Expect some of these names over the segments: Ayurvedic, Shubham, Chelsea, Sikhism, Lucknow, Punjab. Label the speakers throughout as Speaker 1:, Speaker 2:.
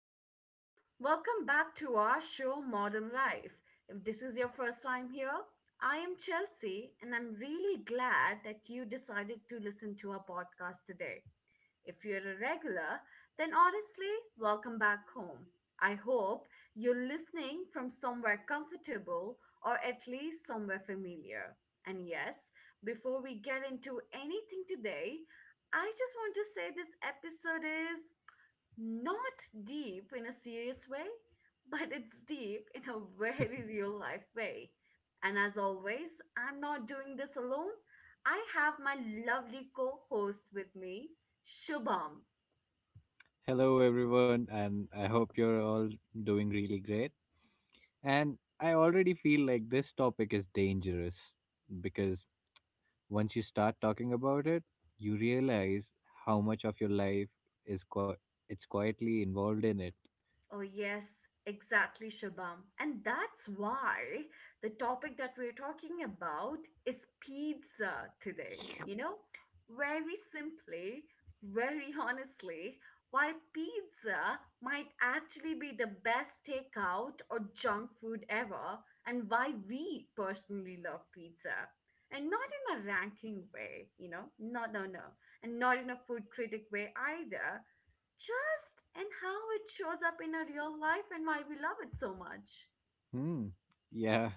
Speaker 1: everyone. Welcome back to our show Modern Life. If this is your first time here, I am Chelsea and I'm really glad that you decided to listen to our podcast today. If you're a regular, then honestly, welcome back home. I hope you're listening from somewhere comfortable or at least somewhere familiar. And yes, before we get into anything today, I just want to say this episode is not deep in a serious way, but it's deep in a very real life way. And as always, I'm not doing this alone. I have my lovely co host with me, Shubham.
Speaker 2: Hello, everyone, and I hope you're all doing really great. And I already feel like this topic is dangerous because once you start talking about it, you realize how much of your life is it's quietly involved in it.
Speaker 1: Oh, yes, exactly, Shabam. And that's why the topic that we're talking about is pizza today. You know, very simply, very honestly, why pizza might actually be the best takeout or junk food ever, and why we personally love pizza. And not in a ranking way, you know, no, no, no. And not in a food critic way either, just and how it shows up in a real life and why we love it so much.
Speaker 2: Hmm. Yeah,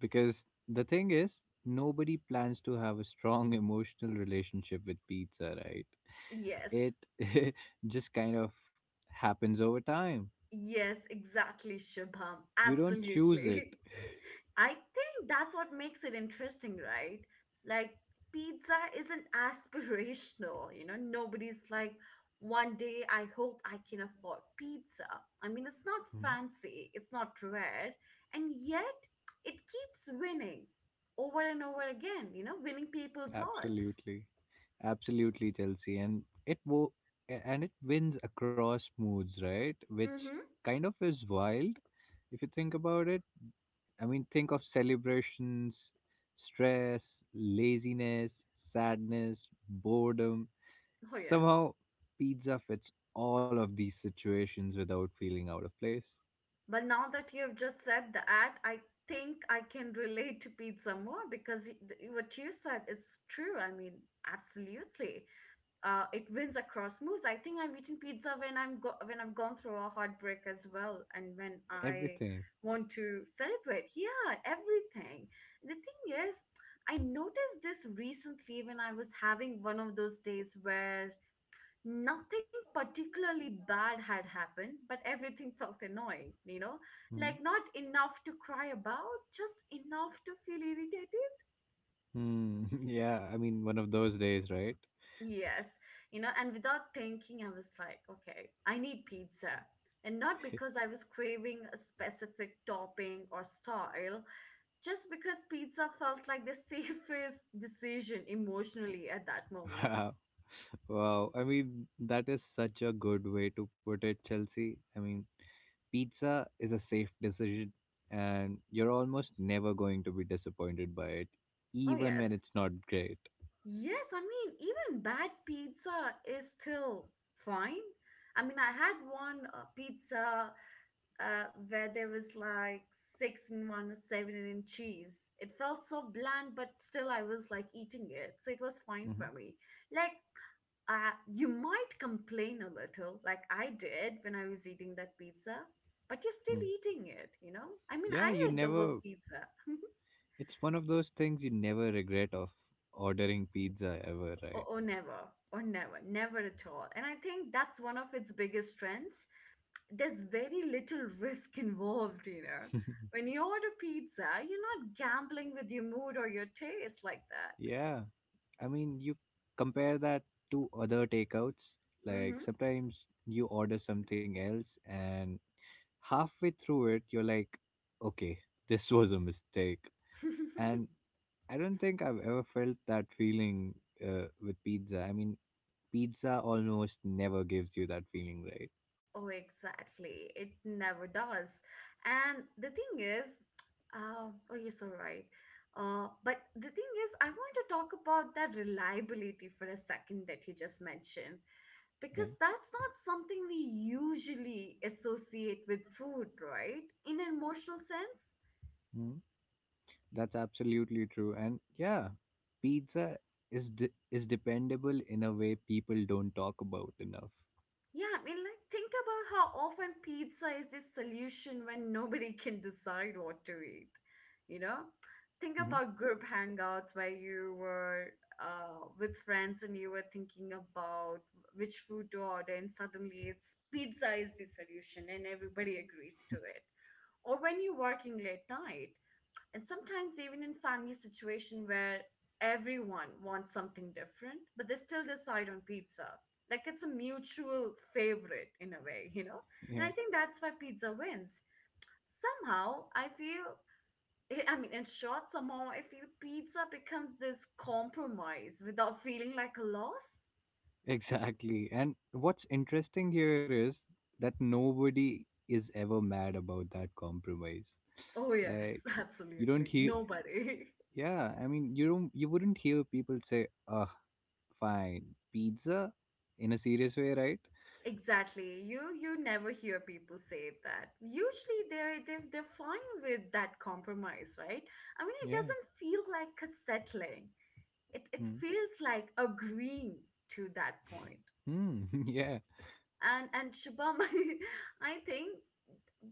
Speaker 2: because the thing is, nobody plans to have a strong emotional relationship with pizza, right?
Speaker 1: Yes,
Speaker 2: It just kind of happens over time.
Speaker 1: yes, exactly, Shubham.
Speaker 2: You don't choose it.
Speaker 1: Absolutely. I think that's what makes it interesting, right? Like, pizza isn't aspirational, you know, nobody's like, one day I hope I can afford pizza. I mean, it's not fancy, it's not rare, and yet it keeps winning over and over again, you know, winning people's hearts.
Speaker 2: Absolutely, absolutely, Chelsea, and and it wins across moods, right? Which
Speaker 1: Mm-hmm.
Speaker 2: kind of is wild if you think about it. I mean, think of celebrations, stress, laziness, sadness, boredom.
Speaker 1: Oh, yes.
Speaker 2: Somehow, pizza fits all of these situations without feeling out of place.
Speaker 1: But now that you have just said that, I think I can relate to pizza more because what you said is true. I mean, absolutely. It wins across moods. I think I've eaten pizza when when I've gone through a heartbreak as well, and when I
Speaker 2: Everything.
Speaker 1: want to celebrate. Yeah, everything. The thing is, I noticed this recently when I was having one of those days where nothing particularly bad had happened, but everything felt annoying, you know? Like,
Speaker 2: Hmm.
Speaker 1: not enough to cry about, just enough to feel irritated.
Speaker 2: Hmm. Yeah, I mean, one of those days, right?
Speaker 1: Yes, you know, and without thinking, I was like, okay, I need pizza. And not because I was craving a specific topping or style, just because pizza felt like the safest decision emotionally at that moment.
Speaker 2: Wow. Wow, I mean, that is such a good way to put it, Chelsea. I mean, pizza is a safe decision, and you're almost never going to be disappointed by it,
Speaker 1: Oh,
Speaker 2: even
Speaker 1: yes.
Speaker 2: when it's not great.
Speaker 1: Yes, I mean, even bad pizza is still fine. I mean, I had one pizza where there was like six in one or seven in cheese. It felt so bland, but still I was like eating it. So it was fine for
Speaker 2: Hmm.
Speaker 1: me. Like, you might complain a little, like I did when I was eating that pizza, but you're
Speaker 2: Mm.
Speaker 1: still eating it, you know? I mean,
Speaker 2: Yeah, you
Speaker 1: I ate the
Speaker 2: never,
Speaker 1: whole pizza.
Speaker 2: it's one of those things you never regret of ordering pizza ever,
Speaker 1: or,
Speaker 2: right?
Speaker 1: or never or never at all, and I think that's one of its biggest strengths. There's very little risk involved, you know. When you order pizza you're not gambling with your mood or your taste like that.
Speaker 2: Yeah, I mean, you compare that to other takeouts. Like
Speaker 1: Mm-hmm.
Speaker 2: sometimes you order something else and halfway through it, you're like, okay, this was a mistake. And I don't think I've ever felt that feeling with pizza. I mean, pizza almost never gives you that feeling, right?
Speaker 1: Oh, exactly. It never does. And the thing is, oh, you're so right. But the thing is, I want to talk about that reliability for a second that you just mentioned,
Speaker 2: Yeah.
Speaker 1: because that's not something we usually associate with food, right? In an emotional sense.
Speaker 2: Mm. That's absolutely true. And yeah, pizza is dependable in a way people don't talk about enough.
Speaker 1: Yeah, I mean, like, think about how often pizza is this solution when nobody can decide what to eat. You know, think
Speaker 2: Mhm.
Speaker 1: about group hangouts where you were with friends and you were thinking about which food to order, and suddenly it's pizza is the solution, and everybody agrees to it. Or when you're working late night, and sometimes even in family situation where everyone wants something different but they still decide on pizza, like it's a mutual favorite in a way, you know.
Speaker 2: Yeah,
Speaker 1: And I think that's why pizza wins, somehow I feel, I mean in short, somehow I feel pizza becomes this compromise without feeling like a loss.
Speaker 2: exactly. And what's interesting here is that nobody is ever mad about that compromise.
Speaker 1: Oh yes,
Speaker 2: Like you don't
Speaker 1: absolutely
Speaker 2: hear,
Speaker 1: nobody.
Speaker 2: yeah, I mean, you wouldn't hear people say, "Ah, fine, pizza?" in a serious way, right?
Speaker 1: Exactly. You never hear people say that. Usually they're fine with that compromise, right? I mean, it
Speaker 2: Yeah.
Speaker 1: doesn't feel like a settling. It
Speaker 2: Hmm.
Speaker 1: feels like agreeing to that point.
Speaker 2: Hmm. Yeah.
Speaker 1: And Shubham, I think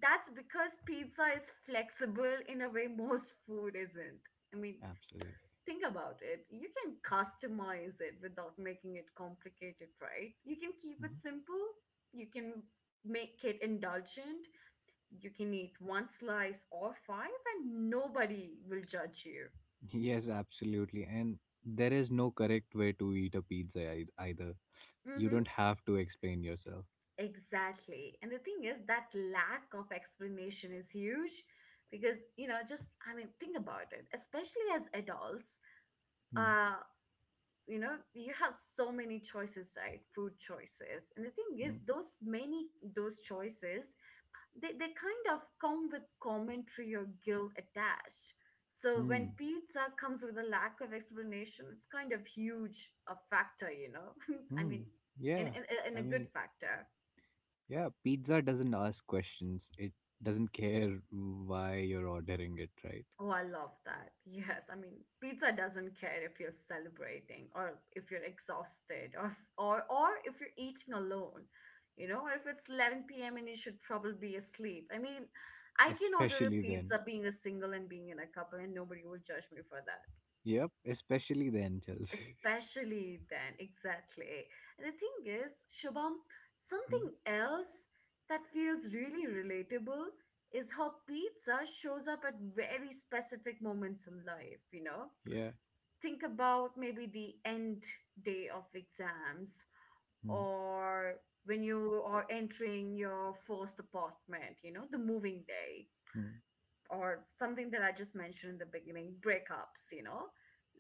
Speaker 1: that's because pizza is flexible in a way most food isn't. I mean,
Speaker 2: Absolutely.
Speaker 1: think about it, you can customize it without making it complicated, right? You can keep it
Speaker 2: Mhm.
Speaker 1: simple, you can make it indulgent, you can eat one slice or five, and nobody will judge you.
Speaker 2: Yes, absolutely. And there is no correct way to eat a pizza either. You
Speaker 1: Mm-hmm.
Speaker 2: don't have to explain yourself.
Speaker 1: Exactly. And the thing is, that lack of explanation is huge because, you know, just, I mean, think about it, especially as adults.
Speaker 2: Hmm.
Speaker 1: Uh, you know you have so many choices, right, food choices, and the thing is
Speaker 2: Hmm.
Speaker 1: those many, those choices, they kind of come with commentary or guilt attached. So when
Speaker 2: Hmm.
Speaker 1: pizza comes with a lack of explanation it's kind of huge a factor, you know. I mean,
Speaker 2: Hmm.
Speaker 1: in, in,
Speaker 2: Yeah.
Speaker 1: in a
Speaker 2: I
Speaker 1: good
Speaker 2: mean,
Speaker 1: factor.
Speaker 2: yeah, pizza doesn't ask questions. It doesn't care why you're ordering it, right?
Speaker 1: Oh, I love that. Yes, I mean, pizza doesn't care if you're celebrating or if you're exhausted or or if you're eating alone, you know, or if it's 11 p.m. and you should probably be asleep. I mean, I can order a
Speaker 2: Especially then.
Speaker 1: pizza being a single and being in a couple, and nobody will judge me for that.
Speaker 2: Yep, especially the angels.
Speaker 1: Especially then, exactly. And the thing is, Shubham,
Speaker 2: Mm,
Speaker 1: something else that feels really relatable is how pizza shows up at very specific moments in life, you know?
Speaker 2: yeah.
Speaker 1: Think about maybe the end day of exams,
Speaker 2: Mm,
Speaker 1: or when you are entering your first apartment, you know, the moving day,
Speaker 2: mm,
Speaker 1: or something that I just mentioned in the beginning, breakups, you know?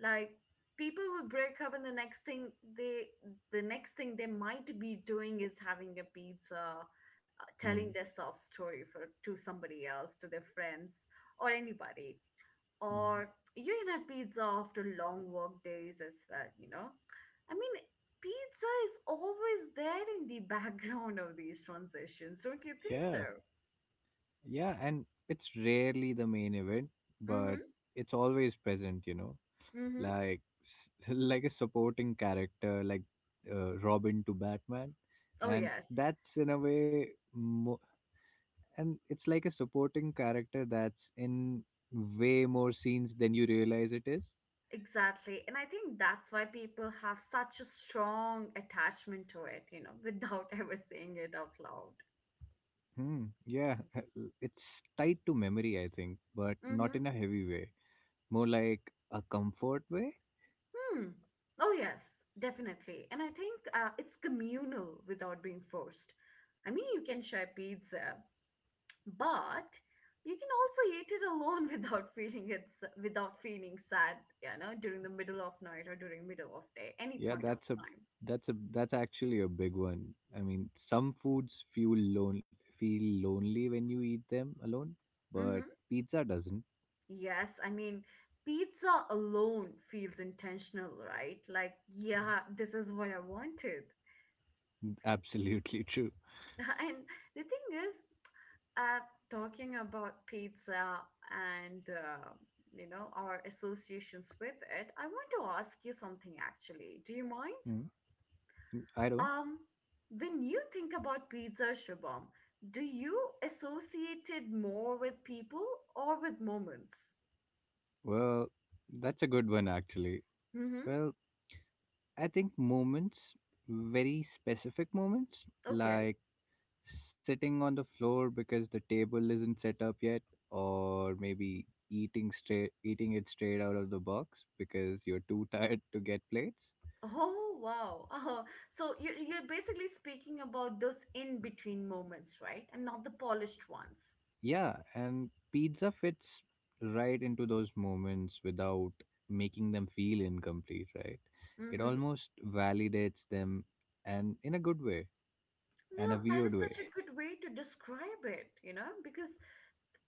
Speaker 1: Like, people will break up and they the next thing they might be doing is having a pizza,
Speaker 2: mm,
Speaker 1: telling their soft story for to somebody else, to their friends or anybody. Or
Speaker 2: mm.
Speaker 1: you can have pizza after long work days as well, you know? I mean, pizza is always there in the background of these transitions, don't you think so?
Speaker 2: Yeah. Yeah. And it's rarely the main event,
Speaker 1: Mm-hmm.
Speaker 2: but it's always present,
Speaker 1: Mm-hmm.
Speaker 2: like like a supporting character, like Robin to Batman,
Speaker 1: Oh
Speaker 2: and
Speaker 1: yes.
Speaker 2: that's in a way, mo- and it's like a supporting character that's in way more scenes than you realize it is.
Speaker 1: Exactly. And I think that's why people have such a strong attachment to it, you know, without ever saying it out loud.
Speaker 2: Hmm. Yeah, it's tied to memory, I think, but not
Speaker 1: Mm-hmm.
Speaker 2: in a heavy way. More like a comfort way.
Speaker 1: Hmm. Oh, yes, definitely. And I think it's communal without being forced. I mean, you can share pizza, but you can also eat it alone without feeling it's without feeling sad, you know, during the middle of night or during middle of day, any
Speaker 2: Yeah,
Speaker 1: point of
Speaker 2: that's a
Speaker 1: time.
Speaker 2: that's a that's actually a big one. I mean, some foods feel lon feel lonely when you eat them alone, but
Speaker 1: Mm-hmm.
Speaker 2: pizza doesn't.
Speaker 1: Yes, I mean, pizza alone feels intentional, right? Like, yeah, this is what I wanted.
Speaker 2: Absolutely true.
Speaker 1: And the thing is, uh, talking about pizza and, you know, our associations with it, I want to ask you something actually. Do you mind?
Speaker 2: Hmm. I don't.
Speaker 1: Um, when you think about pizza, Shubham, do you associate it more with people or with moments?
Speaker 2: Well, that's a good one actually.
Speaker 1: Mm-hmm.
Speaker 2: Well, I think moments, very specific moments,
Speaker 1: Okay.
Speaker 2: like sitting on the floor because the table isn't set up yet or maybe eating it straight out of the box because you're too tired to get plates.
Speaker 1: Oh wow. Oh, so you're basically speaking about those in-between moments, right? And not the polished ones.
Speaker 2: Yeah, and pizza fits right into those moments without making them feel incomplete, right? It
Speaker 1: Mm-hmm.
Speaker 2: almost validates them, and in a good way. And a
Speaker 1: No, that is
Speaker 2: weird way.
Speaker 1: such a good way to describe it, you know, because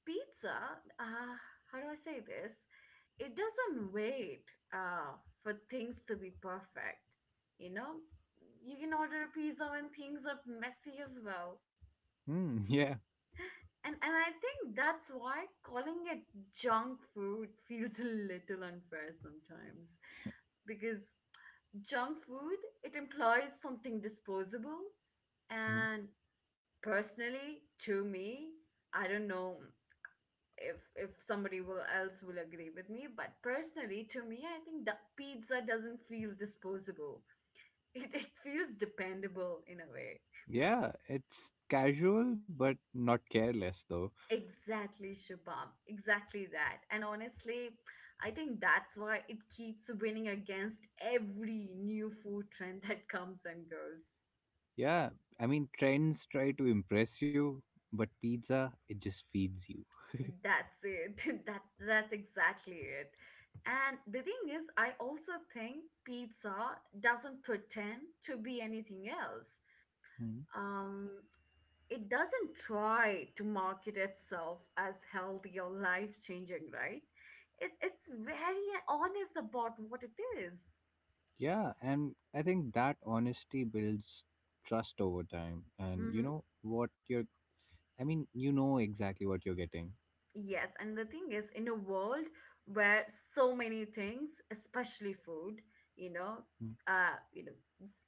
Speaker 1: pizza, uh, how do I say this? It doesn't wait uh for things to be perfect. You know, you can order a pizza when things are messy as well.
Speaker 2: Hmm. Yeah.
Speaker 1: And I think that's why calling it junk food feels a little unfair sometimes, because junk food it implies something disposable.
Speaker 2: Mhm.
Speaker 1: And personally to me, I don't know if somebody will else will agree with me, but personally to me I think that pizza doesn't feel disposable. It feels dependable in a way.
Speaker 2: Yeah, it's casual but not careless though.
Speaker 1: Exactly, Shabam, exactly that, and honestly, I think that's why it keeps winning against every new food trend that comes and goes.
Speaker 2: Yeah, I mean, trends try to impress you, but pizza, it just feeds you.
Speaker 1: That's it. That's exactly it. And the thing is, I also think pizza doesn't pretend to be anything else.
Speaker 2: Hmm.
Speaker 1: Um, it doesn't try to market itself as healthy or life changing, right? It's very honest about what it is.
Speaker 2: Yeah, and I think that honesty builds trust over time. And you
Speaker 1: Mm-hmm.
Speaker 2: know what you're, I mean, you know exactly what you're getting.
Speaker 1: Yes, and the thing is, in a world where so many things, especially food, you know,
Speaker 2: Hmm.
Speaker 1: you know,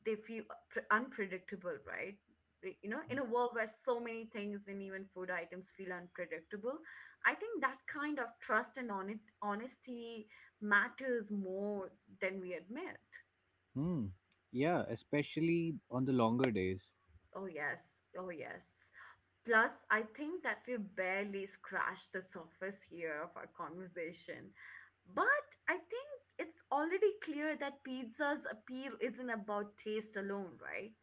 Speaker 1: they feel unpredictable, right? You know, in a world where so many things and even food items feel unpredictable, I think that kind of trust and on honesty matters more than we admit.
Speaker 2: Hmm. Yeah, especially on the longer days.
Speaker 1: Oh yes, oh yes. Plus, I think that we barely scratched the surface here of our conversation. But I think it's already clear that pizza's appeal isn't about taste alone, right?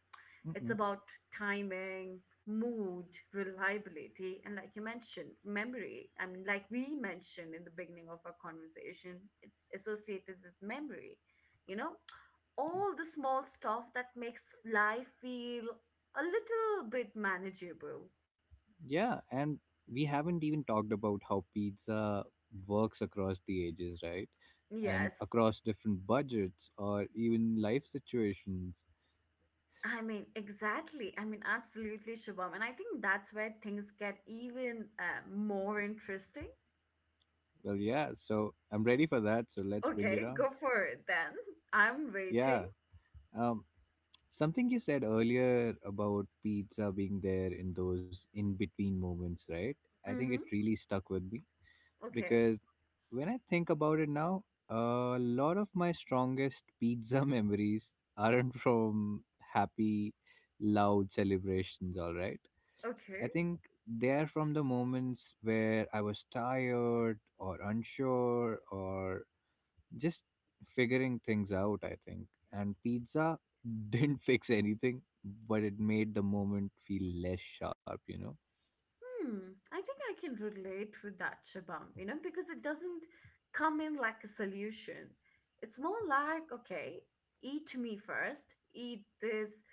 Speaker 1: It's
Speaker 2: Mm-mm.
Speaker 1: about timing, mood, reliability, and like you mentioned, memory. I mean, like we mentioned in the beginning of our conversation, it's associated with memory. You know, all the small stuff that makes life feel a little bit manageable.
Speaker 2: Yeah, and we haven't even talked about how pizza works across the ages, right? And
Speaker 1: Yes.
Speaker 2: across different budgets or even life situations.
Speaker 1: I mean, exactly. I mean, absolutely, Shubham. And I think that's where things get even more interesting.
Speaker 2: Well, yeah, so I'm ready for that. So let's bring it
Speaker 1: Okay,
Speaker 2: on.
Speaker 1: go for it then. I'm waiting.
Speaker 2: Yeah. Um, Something you said earlier about pizza being there in those in between moments, right? I think it
Speaker 1: Mm-hmm.
Speaker 2: really stuck with me
Speaker 1: Okay.
Speaker 2: because when I think about it now, a lot of my strongest pizza memories aren't from happy, loud celebrations, all right? I
Speaker 1: Okay.
Speaker 2: think they are from the moments where I was tired or unsure or just figuring things out, I think. And pizza didn't fix anything, but it made the moment feel less sharp, you know?
Speaker 1: Hmm. I think I can relate with that, Shabam. You know, because it doesn't come in like a solution. It's more like, okay, eat me first, eat this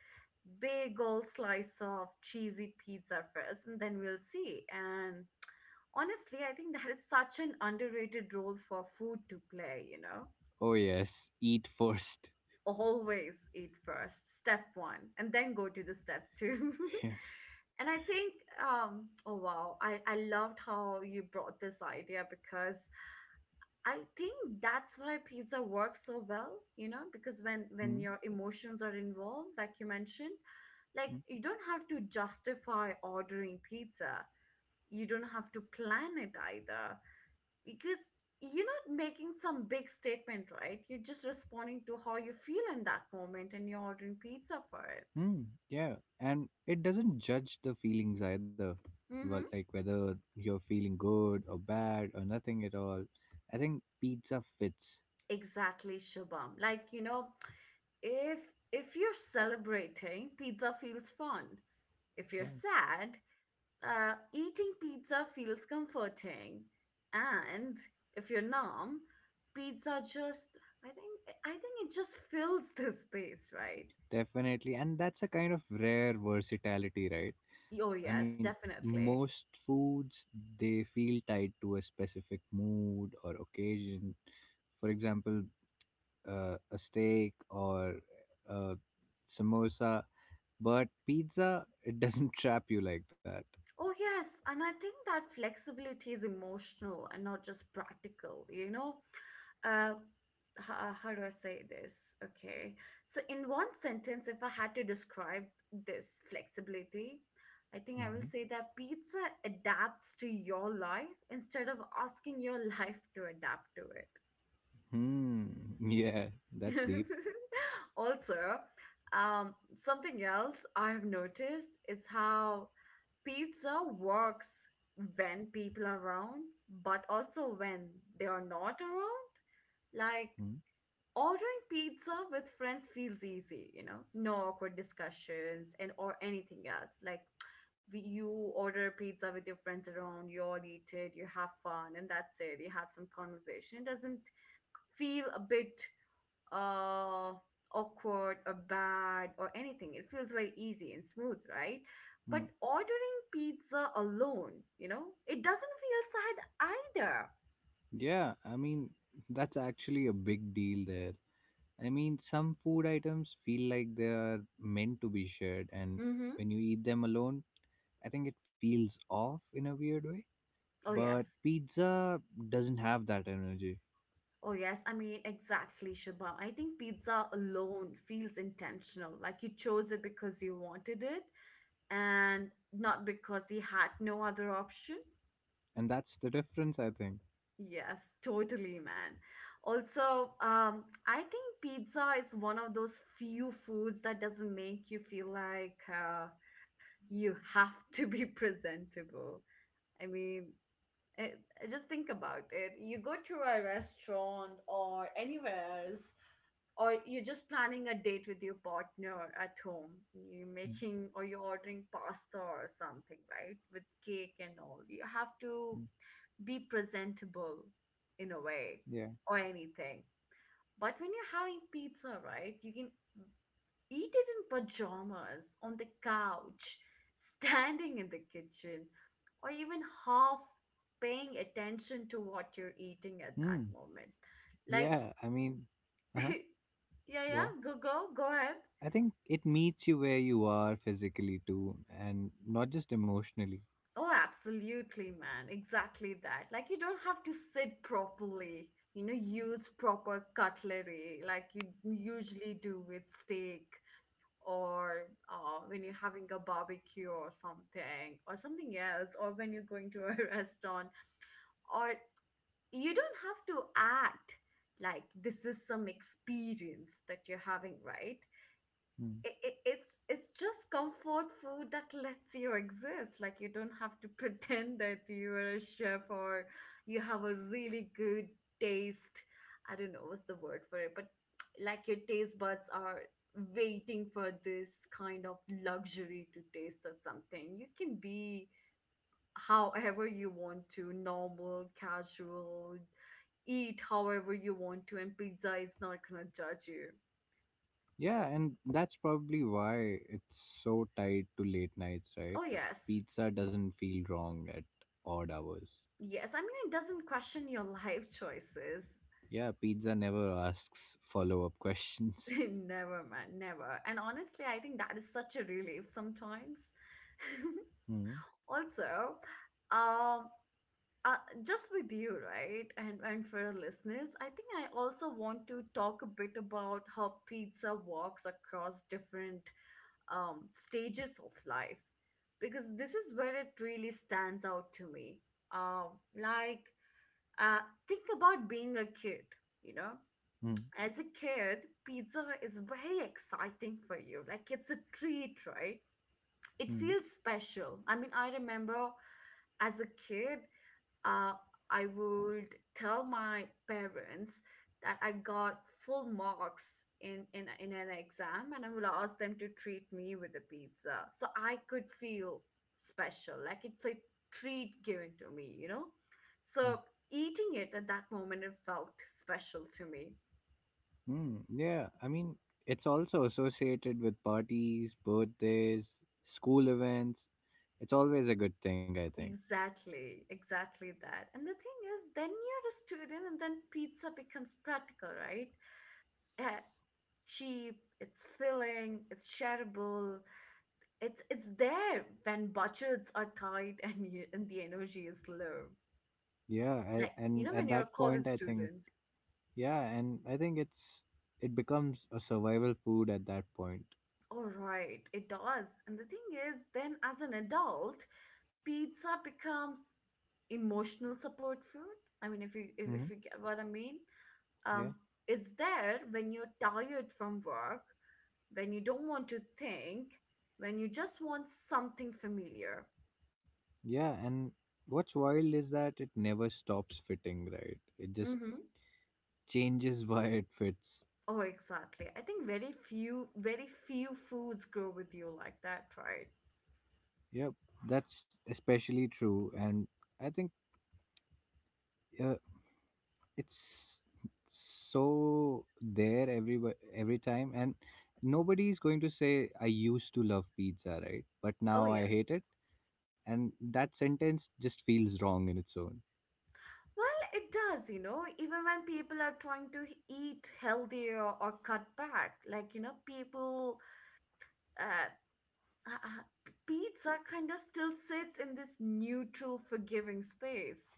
Speaker 1: big old slice of cheesy pizza first, and then we'll see. And honestly, I think that is such an underrated role for food to play, you know?
Speaker 2: Oh, yes, eat first.
Speaker 1: Always eat first, step one, and then go to the step two.
Speaker 2: Yeah.
Speaker 1: And I think, oh wow, I loved how you brought this idea because I think that's why pizza works so well, you know, because when
Speaker 2: Hmm.
Speaker 1: your emotions are involved, like you mentioned, like
Speaker 2: Mm,
Speaker 1: you don't have to justify ordering pizza. You don't have to plan it either because you're not making some big statement, right? You're just responding to how you feel in that moment and you're ordering pizza for it.
Speaker 2: mm, yeah. And it doesn't judge the feelings either. Well,
Speaker 1: Mm-hmm.
Speaker 2: like whether you're feeling good or bad or nothing at all. I think pizza fits.
Speaker 1: Exactly, Shubham. Like, you know, if if you're celebrating, pizza feels fun. If you're
Speaker 2: Yeah,
Speaker 1: sad, eating pizza feels comforting. And if you're numb, pizza just I think it just fills the space, right?
Speaker 2: definitely. And that's a kind of rare versatility, right?
Speaker 1: Oh
Speaker 2: I
Speaker 1: yes,
Speaker 2: mean,
Speaker 1: definitely.
Speaker 2: most foods they feel tied to a specific mood or occasion. For example, a steak or a samosa, but pizza it doesn't trap you like that.
Speaker 1: Oh, yes. And I think that flexibility is emotional and not just practical, you know? Uh, how do I say this? Okay. So, in one sentence, if I had to describe this flexibility, I think I
Speaker 2: Mhm.
Speaker 1: will say that pizza adapts to your life instead of asking your life to adapt to
Speaker 2: Hmm. Yeah, that's
Speaker 1: it.
Speaker 2: deep.
Speaker 1: Also, something else I've noticed is how pizza works when people are around, but also when they are not around. Like
Speaker 2: Hmm.
Speaker 1: ordering pizza with friends feels easy, you know, no awkward discussions and or anything else. Like you order pizza with your friends around, you all eat it, you have fun, and that's it. You have some conversation. It doesn't feel a bit uh, awkward or bad or anything. It feels very easy and smooth, right? But
Speaker 2: Hmm.
Speaker 1: ordering pizza alone, you know, it doesn't feel sad either.
Speaker 2: Yeah, I mean that's actually a big deal there. I mean, some food items feel like they are meant to be shared, and
Speaker 1: Mm-hmm.
Speaker 2: when you eat them alone, I think it feels off in a weird way.
Speaker 1: Oh,
Speaker 2: But
Speaker 1: yes.
Speaker 2: pizza doesn't have that energy.
Speaker 1: Oh, yes. I mean, exactly, Shubham. I think pizza alone feels intentional. Like you chose it because you wanted it and not because you had no other option.
Speaker 2: And that's the difference, I think.
Speaker 1: Yes, totally, man. Also, I think pizza is one of those few foods that doesn't make you feel like you have to be presentable. I mean, eh, just think about it. You go to a restaurant or anywhere else, or you're just planning a date with your partner at home. You're
Speaker 2: Mm,
Speaker 1: making or you're ordering pasta or something, right? With cake and all. You have to
Speaker 2: mm,
Speaker 1: be presentable in a way
Speaker 2: yeah.
Speaker 1: or anything. But when you're having pizza, right, you can eat it in pajamas, on the couch, standing in the kitchen, or even half paying attention to what you're eating at that
Speaker 2: Mm.
Speaker 1: moment. Like,
Speaker 2: Yeah. I mean, uh huh.
Speaker 1: yeah,
Speaker 2: Go
Speaker 1: yeah,
Speaker 2: on.
Speaker 1: go ahead.
Speaker 2: I think it meets you where you are physically too, and not just emotionally.
Speaker 1: Oh, absolutely, man. Exactly that. Like, you don't have to sit properly, you know, use proper cutlery like you usually do with steak or when you're having a barbecue or something else, or when you're going to a restaurant. Or you don't have to act like this is some experience that you're having, right?
Speaker 2: Mm.
Speaker 1: It's just comfort food that lets you exist, like you don't have to pretend that you're a chef or you have a really good taste. I don't know what's the word for it, but like your taste buds are waiting for this kind of luxury to taste or something. You can be however you want to, normal, casual, eat however you want to, and pizza is not gonna judge you.
Speaker 2: Yeah, and that's probably why it's so tied to late nights, right?
Speaker 1: Oh yes.
Speaker 2: Pizza doesn't feel wrong at odd hours.
Speaker 1: Yes, I mean, it doesn't question your life choices.
Speaker 2: Yeah, pizza never asks follow up questions.
Speaker 1: Never, man, never. And honestly, I think that is such a relief sometimes.
Speaker 2: Mm-hmm.
Speaker 1: Also, um, uh, just with you, right? And for our listeners, I think I also want to talk a bit about how pizza walks across different stages of life, because this is where it really stands out to me. Um, like, uh, think about being a kid, you know, as a kid, pizza is very exciting for you. Like it's a treat, right? It
Speaker 2: Mm.
Speaker 1: feels special. I mean, I remember as a kid, uh, I would tell my parents that I got full marks in an exam, and I would ask them to treat me with a pizza, so I could feel special. Like it's a treat given to me, you know.
Speaker 2: Hmm.
Speaker 1: So eating it at that moment, it felt special to me.
Speaker 2: Yeah, I mean, it's also associated with parties, birthdays, school events. It's always a good thing, I think.
Speaker 1: Exactly, exactly that. And the thing is, then you're a student, and then pizza becomes practical, right? Uh, Cheap, it's filling, it's shareable, it's there when budgets are tight and you, and the energy is low.
Speaker 2: Yeah,
Speaker 1: Like
Speaker 2: and
Speaker 1: you know,
Speaker 2: at
Speaker 1: when you're a
Speaker 2: that point,
Speaker 1: college
Speaker 2: I think,
Speaker 1: student,
Speaker 2: yeah, and I think it becomes a survival food at that point.
Speaker 1: all right, it does. And the thing is, then as an adult, pizza becomes emotional support food. I mean, if
Speaker 2: Hmm.
Speaker 1: you get what I mean, um,
Speaker 2: Yeah,
Speaker 1: it's there when you're tired from work, when you don't want to think, when you just want something familiar.
Speaker 2: yeah, and what's wild is that it never stops fitting, right? It just
Speaker 1: Mm-hmm.
Speaker 2: changes why it fits.
Speaker 1: Oh, exactly. I think very few foods grow with you like that, right?
Speaker 2: Yep, that's especially true, and I think. Uh, it's so there every time, and nobody is going to say, "I used to love pizza, right? But
Speaker 1: Oh,
Speaker 2: now I
Speaker 1: yes.
Speaker 2: hate it." And that sentence just feels wrong in its own.
Speaker 1: Well, it does, you know, even when people are trying to eat healthier or cut back, like, you know, people, uh, uh, uh, pizza kind of still sits in this neutral, forgiving space.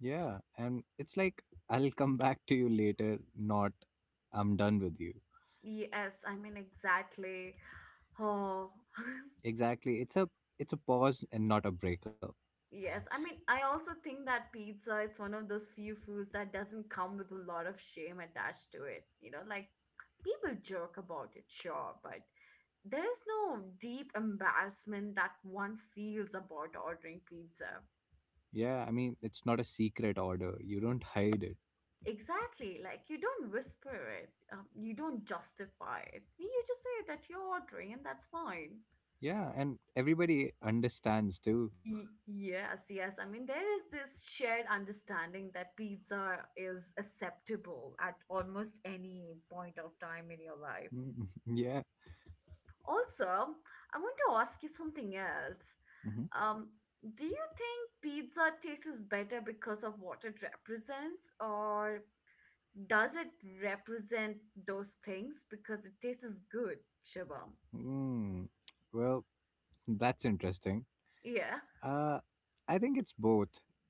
Speaker 2: Yeah, and it's like, "I'll come back to you later," not "I'm done with you."
Speaker 1: Yes, I mean, exactly. Oh,
Speaker 2: Exactly, it's a pause and not a breakup.
Speaker 1: yes. I mean, I also think that pizza is one of those few foods that doesn't come with a lot of shame attached to it. You know, like people joke about it, sure, but there is no deep embarrassment that one feels about ordering pizza.
Speaker 2: Yeah, I mean, it's not a secret order. You don't hide it.
Speaker 1: Exactly. Like, you don't whisper it, you don't justify it. You just say that you're ordering, and that's fine.
Speaker 2: Yeah, and everybody understands too.
Speaker 1: Yes, yes. I mean, there is this shared understanding that pizza is acceptable at almost any point of time in your life.
Speaker 2: Yeah.
Speaker 1: Also, I want to ask you something else.
Speaker 2: Mhm.
Speaker 1: Um, do you think pizza tastes better because of what it represents, or does it represent those things because it tastes good, Shubham?
Speaker 2: Hmm. Well, that's interesting.
Speaker 1: Yeah.
Speaker 2: Uh, I think it's both,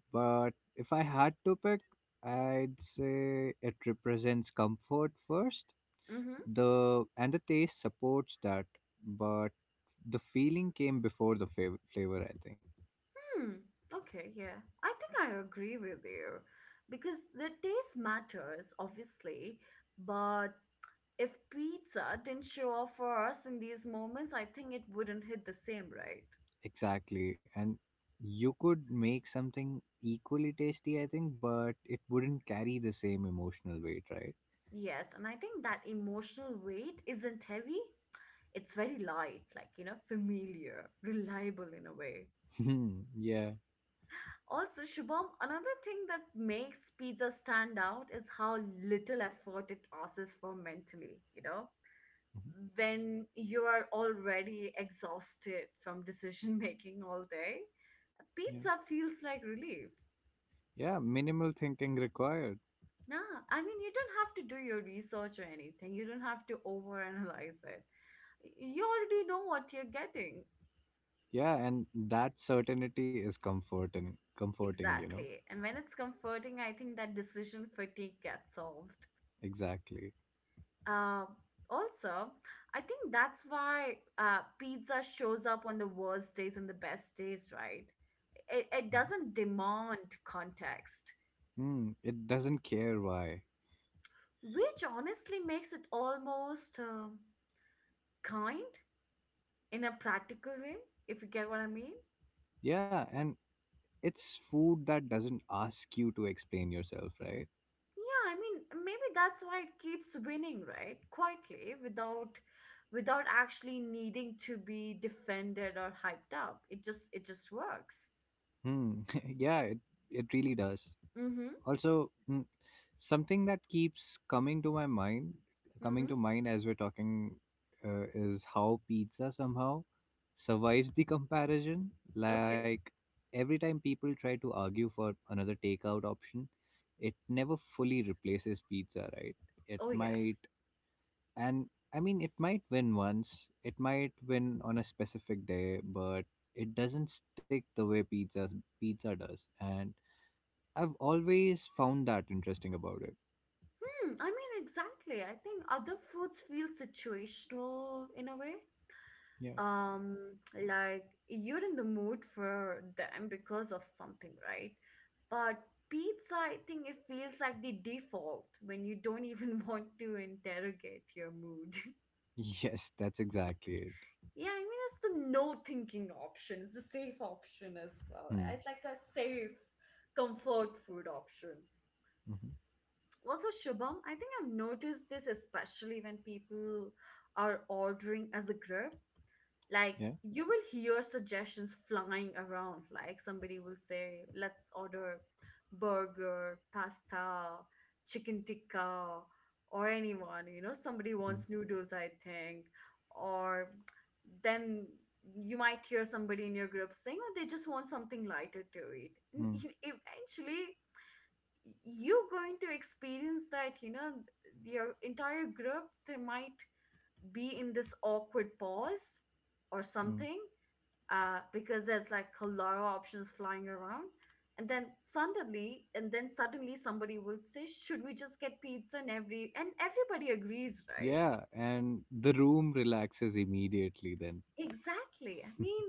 Speaker 2: but if I had to pick, I'd say it represents comfort first.
Speaker 1: Mm-hmm.
Speaker 2: The and the taste supports that, but the feeling came before the flavor. I think
Speaker 1: Hmm. Okay, yeah. I think I agree with you because the taste matters, obviously, but if pizza didn't show up for us in these moments, I think it wouldn't hit the same, right?
Speaker 2: exactly, and you could make something equally tasty. I think, but it wouldn't carry the same emotional weight, right?
Speaker 1: Yes, and I think that emotional weight isn't heavy. It's very light, like, you know, familiar, reliable in a way.
Speaker 2: Hmm. Yeah.
Speaker 1: Also, Shubham, another thing that makes pizza stand out is how little effort it asks for mentally, you know?
Speaker 2: Mhm.
Speaker 1: When you are already exhausted from decision making all day,
Speaker 2: Yeah.
Speaker 1: pizza feels like relief.
Speaker 2: Yeah. Minimal thinking required.
Speaker 1: Nah, I mean, you don't have to do your research or anything, you don't have to overanalyze it. You already know what you're getting.
Speaker 2: Yeah, and that certainty is comforting.
Speaker 1: Exactly. And when it's comforting, I think that decision fatigue gets solved.
Speaker 2: Exactly.
Speaker 1: Uh, Also, I think that's why pizza shows up on the worst days and the best days, right? It doesn't demand context,
Speaker 2: Mm, it doesn't care why.
Speaker 1: which honestly makes it almost kind in a practical way, if you get what I mean.
Speaker 2: Yeah, and it's food that doesn't ask you to explain yourself, right?
Speaker 1: Yeah, I mean, maybe that's why it keeps winning, right? Quietly, without actually needing to be defended or hyped up. It just works.
Speaker 2: Hmm. Yeah, it really does.
Speaker 1: Mm-hmm.
Speaker 2: Also, something that keeps coming to my mind coming
Speaker 1: Mm-hmm.
Speaker 2: to mind as we're talking, is how pizza somehow survives the comparison.
Speaker 1: Okay.
Speaker 2: Like every time people try to argue for another takeout option, it never fully replaces pizza, right? It
Speaker 1: Oh, yes.
Speaker 2: might, and I mean, it might win once, it might win on a specific day, but it doesn't stick the way pizza does. And I've always found that interesting about it.
Speaker 1: Hmm, I mean, exactly. I think other foods feel situational in a way.
Speaker 2: Yeah.
Speaker 1: Um, like you're in the mood for them because of something, right? But pizza, I think it feels like the default when you don't even want to interrogate your mood.
Speaker 2: Yes, that's exactly it.
Speaker 1: Yeah, I mean, it's the no thinking option. It's the safe option as well.
Speaker 2: Hmm.
Speaker 1: It's like a safe comfort food option.
Speaker 2: Hmm.
Speaker 1: Also, Shubham, I think I've noticed this especially when people are ordering as a group. Like,
Speaker 2: Yeah.
Speaker 1: you will hear suggestions flying around. Like, somebody will say, let's order burger, pasta, chicken tikka, or anyone. You know, somebody
Speaker 2: Hmm.
Speaker 1: wants noodles, I think. Or then you might hear somebody in your group saying, oh, they just want something lighter to eat. And
Speaker 2: Hmm.
Speaker 1: eventually, you're going to experience that, you know, your entire group, they might be in this awkward pause or
Speaker 2: Hmm.
Speaker 1: something, because there's like a lot of options flying around, and then suddenly somebody will say, should we just get pizza? And everybody agrees, right?
Speaker 2: Yeah, and the room relaxes immediately then.
Speaker 1: Exactly, I mean,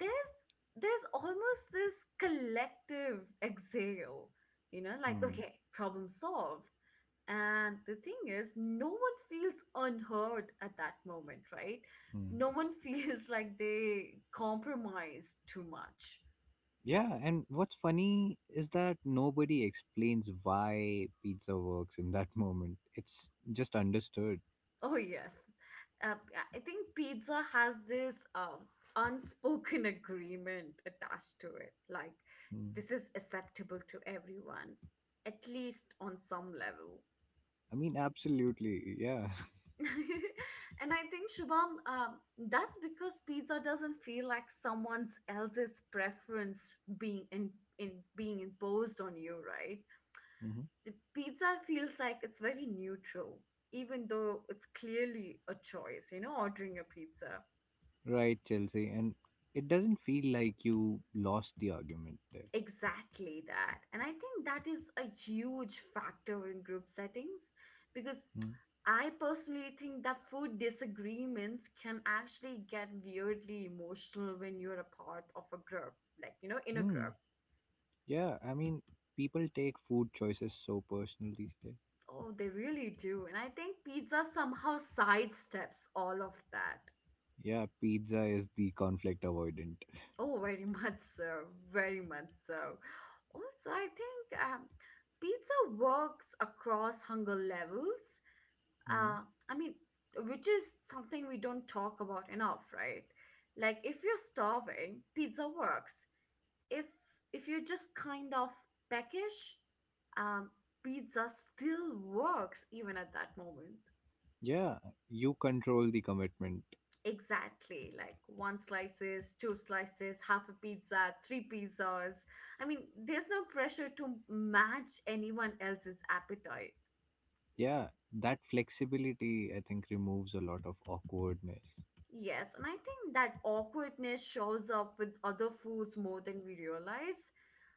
Speaker 1: there's there's almost this collective exhale, you know, like,
Speaker 2: Hmm.
Speaker 1: okay, problem solved. And the thing is, no one feels unheard at that moment, right?
Speaker 2: Hmm.
Speaker 1: No one feels like they compromise too much.
Speaker 2: Yeah, and what's funny is that nobody explains why pizza works in that moment. It's just understood.
Speaker 1: Oh, yes. Uh, I think pizza has this unspoken agreement attached to it. Like,
Speaker 2: Hmm.
Speaker 1: this is acceptable to everyone, at least on some level.
Speaker 2: I mean, absolutely. Yeah.
Speaker 1: And I think Shubham, that's because pizza doesn't feel like someone else's preference being in being imposed on you, right?
Speaker 2: Hmm.
Speaker 1: The pizza feels like it's very neutral, even though it's clearly a choice. You know, ordering a pizza.
Speaker 2: Right, Chelsea. And it doesn't feel like you lost the argument there.
Speaker 1: Exactly that. And I think that is a huge factor in group settings because
Speaker 2: Hmm.
Speaker 1: I personally think that food disagreements can actually get weirdly emotional when you're a part of a group, like, you know, in a
Speaker 2: Hmm.
Speaker 1: group.
Speaker 2: Yeah, I mean, people take food choices so personal these days.
Speaker 1: Oh, they really do. And I think pizza somehow sidesteps all of that.
Speaker 2: Yeah, pizza is the conflict avoidant.
Speaker 1: Oh, very much so. Very much so. Also, I think pizza works across hunger levels
Speaker 2: Mm.
Speaker 1: uh, I mean, which is something we don't talk about enough, right? Like if you're starving, pizza works. If if you're just kind of peckish, um, pizza still works even at that moment.
Speaker 2: Yeah, you control the commitment.
Speaker 1: Exactly, like one slices, two slices, half a pizza, three pizzas. I mean, there's no pressure to match anyone else's appetite.
Speaker 2: Yeah, that flexibility, I think, removes a lot of awkwardness.
Speaker 1: Yes, and I think that awkwardness shows up with other foods more than we realize.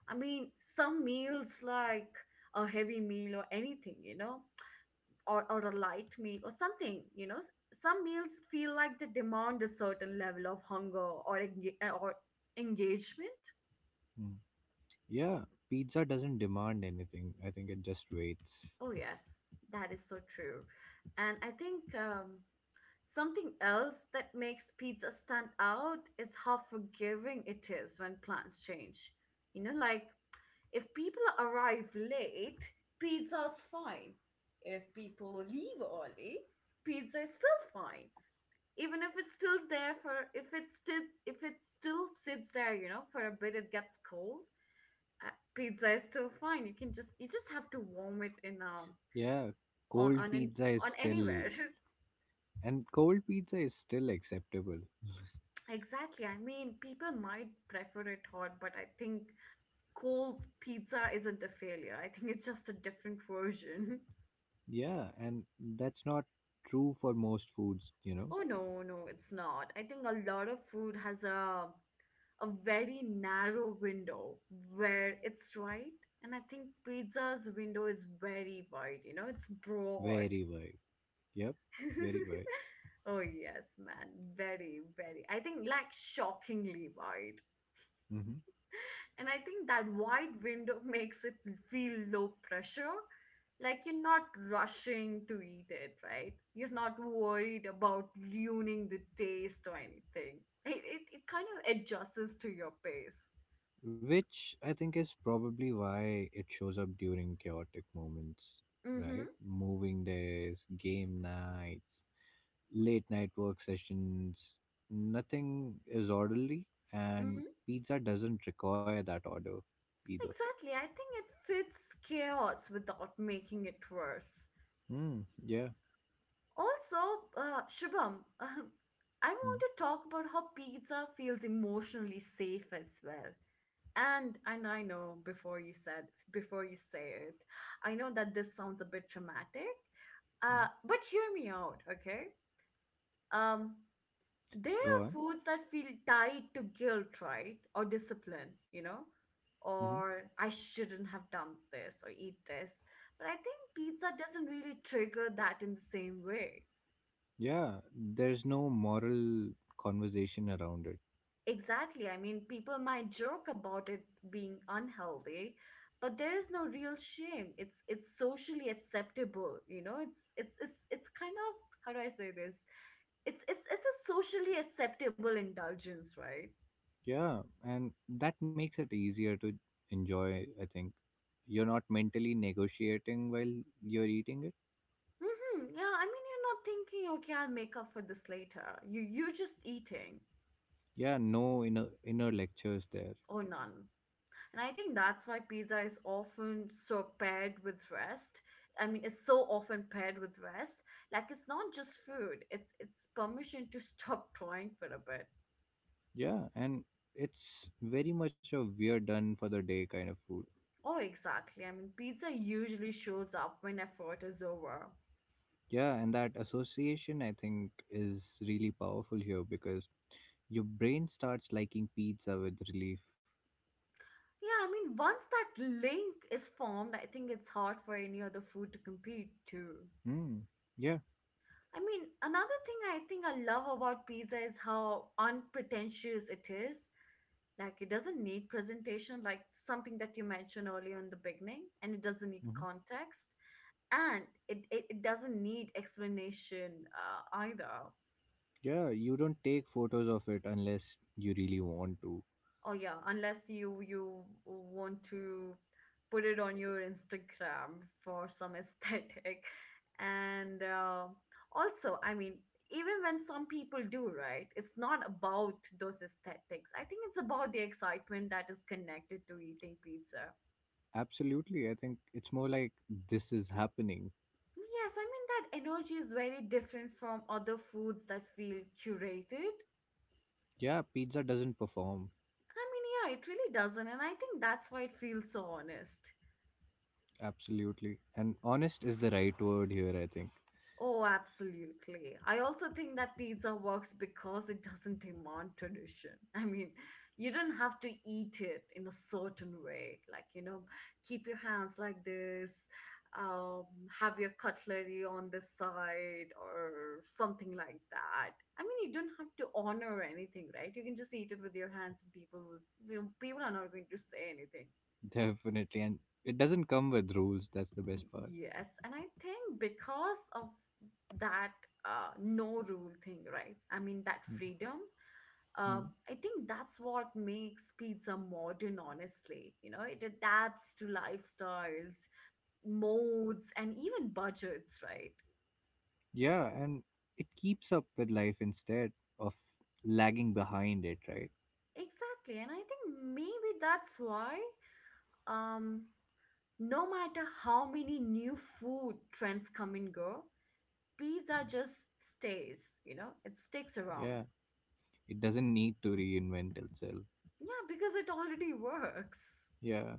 Speaker 1: I mean, some meals like a heavy meal or anything, you know, or a light meal or something, you know, some meals feel like they demand a certain level of hunger or or engagement.
Speaker 2: Mm. Yeah, pizza doesn't demand anything. I think it just waits.
Speaker 1: Oh yes, that is so true. And I think something else that makes pizza stand out is how forgiving it is when plans change. You know, like if people arrive late, pizza's fine. If people leave early, pizza is still fine. Even if it's still there for if it still sits there, you know, for a bit it gets cold. Pizza is still fine. You just have to warm it in
Speaker 2: Yeah,
Speaker 1: on
Speaker 2: cold
Speaker 1: on an,
Speaker 2: pizza is
Speaker 1: on
Speaker 2: still,
Speaker 1: anywhere.
Speaker 2: cold pizza is still acceptable.
Speaker 1: Exactly. I mean, people might prefer it hot, but I think cold pizza isn't a failure. I think it's just a different version.
Speaker 2: Yeah, and that's not true for most foods, you know,
Speaker 1: Oh no, no, it's not. I think a lot of food has a very narrow window where it's right. And I think pizza's window is very wide, you know, it's broad.
Speaker 2: very well. Yep, very right.
Speaker 1: Oh yes, man, very, very. I think like shockingly wide.
Speaker 2: Hmm.
Speaker 1: And I think that wide window makes it feel low pressure. Like you're not rushing to eat it, right? You're not worried about ruining the taste or anything. It kind of adjusts to your pace.
Speaker 2: Which I think is probably why it shows up during chaotic moments,
Speaker 1: Mm-hmm.
Speaker 2: right? Moving days, game nights, late night work sessions. Nothing is orderly, and
Speaker 1: Mm-hmm.
Speaker 2: pizza doesn't require that order either.
Speaker 1: Exactly. I think it fits chaos without making it worse.
Speaker 2: Mm, yeah.
Speaker 1: Also, Shubham, I
Speaker 2: Mm,
Speaker 1: want to talk about how pizza feels emotionally safe as well. And I know before you say it, I know that this sounds a bit traumatic,
Speaker 2: mm.
Speaker 1: but hear me out, okay? um there
Speaker 2: Go
Speaker 1: are
Speaker 2: on.
Speaker 1: foods that feel tied to guilt, right, or discipline, you know,
Speaker 2: Hmm.
Speaker 1: or I shouldn't have done this or eat this. But I think pizza doesn't really trigger that in the same way.
Speaker 2: Yeah, there's no moral conversation around it.
Speaker 1: Exactly. I mean, people might joke about it being unhealthy, but there is no real shame. It's socially acceptable, you know? It's kind of, how do I say this? It's a socially acceptable indulgence, right?
Speaker 2: Yeah, and that makes it easier to enjoy, I think. You're not mentally negotiating while you're eating it.
Speaker 1: Mm-hmm. Yeah, I mean, you're not thinking, okay, I'll make up for this later. You're just eating
Speaker 2: Yeah, no inner lectures there.
Speaker 1: or none. And I think that's why pizza is often so paired with rest. I mean, it's so often paired with rest. Like it's not just food, it's permission to stop trying for a bit.
Speaker 2: Yeah, and it's very much a we're done for the day kind of food.
Speaker 1: Oh, exactly. I mean, pizza usually shows up when effort is over.
Speaker 2: Yeah, and that association I think is really powerful here because your brain starts liking pizza with relief.
Speaker 1: Yeah, I mean, once that link is formed, I think it's hard for any other food to compete too.
Speaker 2: Mm, yeah.
Speaker 1: I mean, another thing I think I love about pizza is how unpretentious it is. Like it doesn't need presentation, like something that you mentioned earlier in the beginning, and it doesn't need
Speaker 2: Hmm.
Speaker 1: context, and it doesn't need explanation, either.
Speaker 2: Yeah, you don't take photos of it unless you really want to.
Speaker 1: Oh yeah, unless you want to put it on your Instagram for some aesthetic. and also, I mean, even when some people do, right, it's not about those aesthetics. I think it's about the excitement that is connected to eating pizza.
Speaker 2: Absolutely. I think it's more like this is happening.
Speaker 1: Yes, I mean that energy is very different from other foods that feel curated.
Speaker 2: Yeah, pizza doesn't perform.
Speaker 1: I mean, yeah, it really doesn't, and I think that's why it feels so honest.
Speaker 2: Absolutely. And honest is the right word here, I think.
Speaker 1: Oh, absolutely. I also think that pizza works because it doesn't demand tradition. I mean, you don't have to eat it in a certain way. Like, you know, keep your hands like this, um, have your cutlery on the side or something like that. I mean, you don't have to honor anything, right? You can just eat it with your hands and people will, you know, people are not going to say anything.
Speaker 2: Definitely. And it doesn't come with rules. That's the best part.
Speaker 1: Yes, and I think because of that, no rule thing, right? I mean, that freedom,
Speaker 2: Mhm.
Speaker 1: I think that's what makes pizza modern, honestly. You know, it adapts to lifestyles, modes, and even budgets, right?
Speaker 2: Yeah. And it keeps up with life instead of lagging behind it, right?
Speaker 1: Exactly. And I think maybe that's why, um, no matter how many new food trends come and go, pizza just stays, you know, it sticks around.
Speaker 2: Yeah. It doesn't need to reinvent itself.
Speaker 1: Yeah, because it already works.
Speaker 2: Yeah.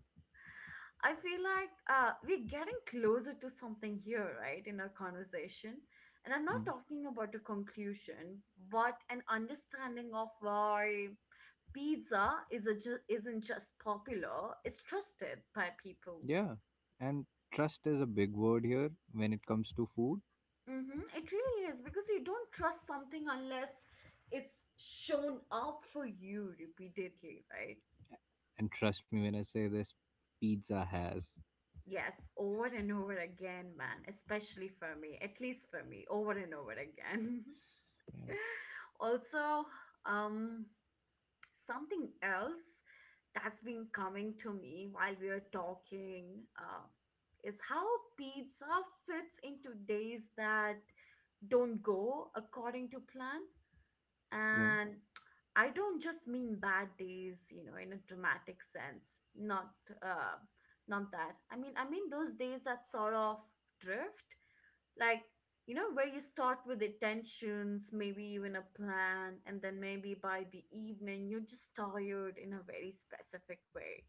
Speaker 1: I feel like we're getting closer to something here, right, in our conversation. And I'm
Speaker 2: Mm.
Speaker 1: not talking about a conclusion, but an understanding of why pizza is isn't just popular, it's trusted by people.
Speaker 2: Yeah. And trust is a big word here when it comes to food.
Speaker 1: Hmm, it really is because you don't trust something unless it's shown up for you repeatedly, right?
Speaker 2: And trust me when I say this, pizza has.
Speaker 1: Yes, over and over again, man, especially for me, at least for me, over and over again.
Speaker 2: Yeah.
Speaker 1: Also, um, something else that's been coming to me while we are talking is how pizza fits into days that don't go according to plan.
Speaker 2: Yeah.
Speaker 1: And I don't just mean bad days, you know, in a dramatic sense. Uh not that. I mean those days that sort of drift. Like, you know, where you start with intentions, maybe even a plan, and then maybe by the evening you're just tired in a very specific way,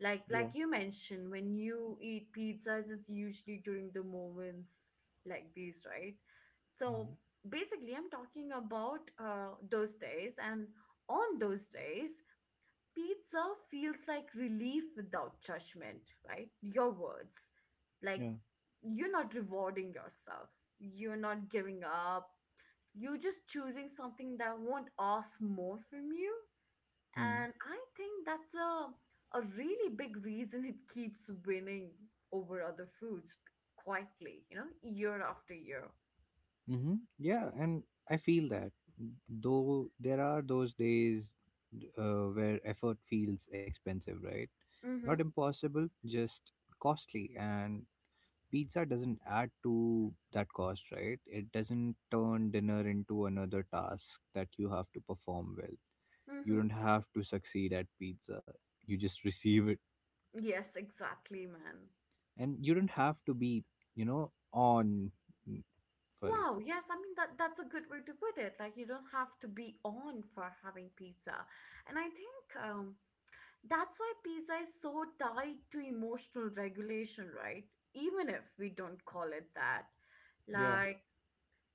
Speaker 2: Yeah.
Speaker 1: like you mentioned, when you eat pizzas it's usually during the moments like these, right?
Speaker 2: Mm.
Speaker 1: So basically I'm talking about those days, and on those days pizza feels like relief without judgment, right? Your words, like
Speaker 2: Yeah.
Speaker 1: you're not rewarding yourself, you're not giving up, you're just choosing something that won't ask more from you.
Speaker 2: Mm.
Speaker 1: And I think that's a really big reason it keeps winning over other foods quietly, you know, year after year.
Speaker 2: Mm-hmm. Yeah, and I feel that though there are those days where effort feels expensive, right? Not
Speaker 1: Mm-hmm.
Speaker 2: impossible, just costly. And pizza doesn't add to that cost, right? It doesn't turn dinner into another task that you have to perform well. You
Speaker 1: Mm-hmm.
Speaker 2: don't have to succeed at pizza, you just receive it.
Speaker 1: Yes, exactly, man.
Speaker 2: And you don't have to be, you know, on mm, for it.
Speaker 1: Wow, yes, I mean that that's a good way to put it. Like you don't have to be on for having pizza. And I think that's why pizza is so tied to emotional regulation, right? Even if we don't call it that.
Speaker 2: Yeah.
Speaker 1: Like,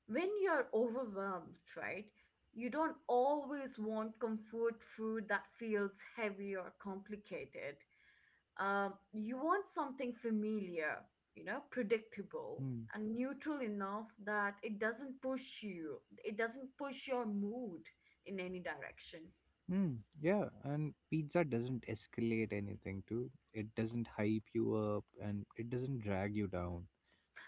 Speaker 1: when you're overwhelmed, right, you don't always want comfort food that feels heavy or complicated. You want something familiar, you know, predictable and neutral enough that it doesn't push you, it doesn't push your mood in any direction.
Speaker 2: Hmm. Yeah, and pizza doesn't escalate anything too. It doesn't hype you up and it doesn't drag you down.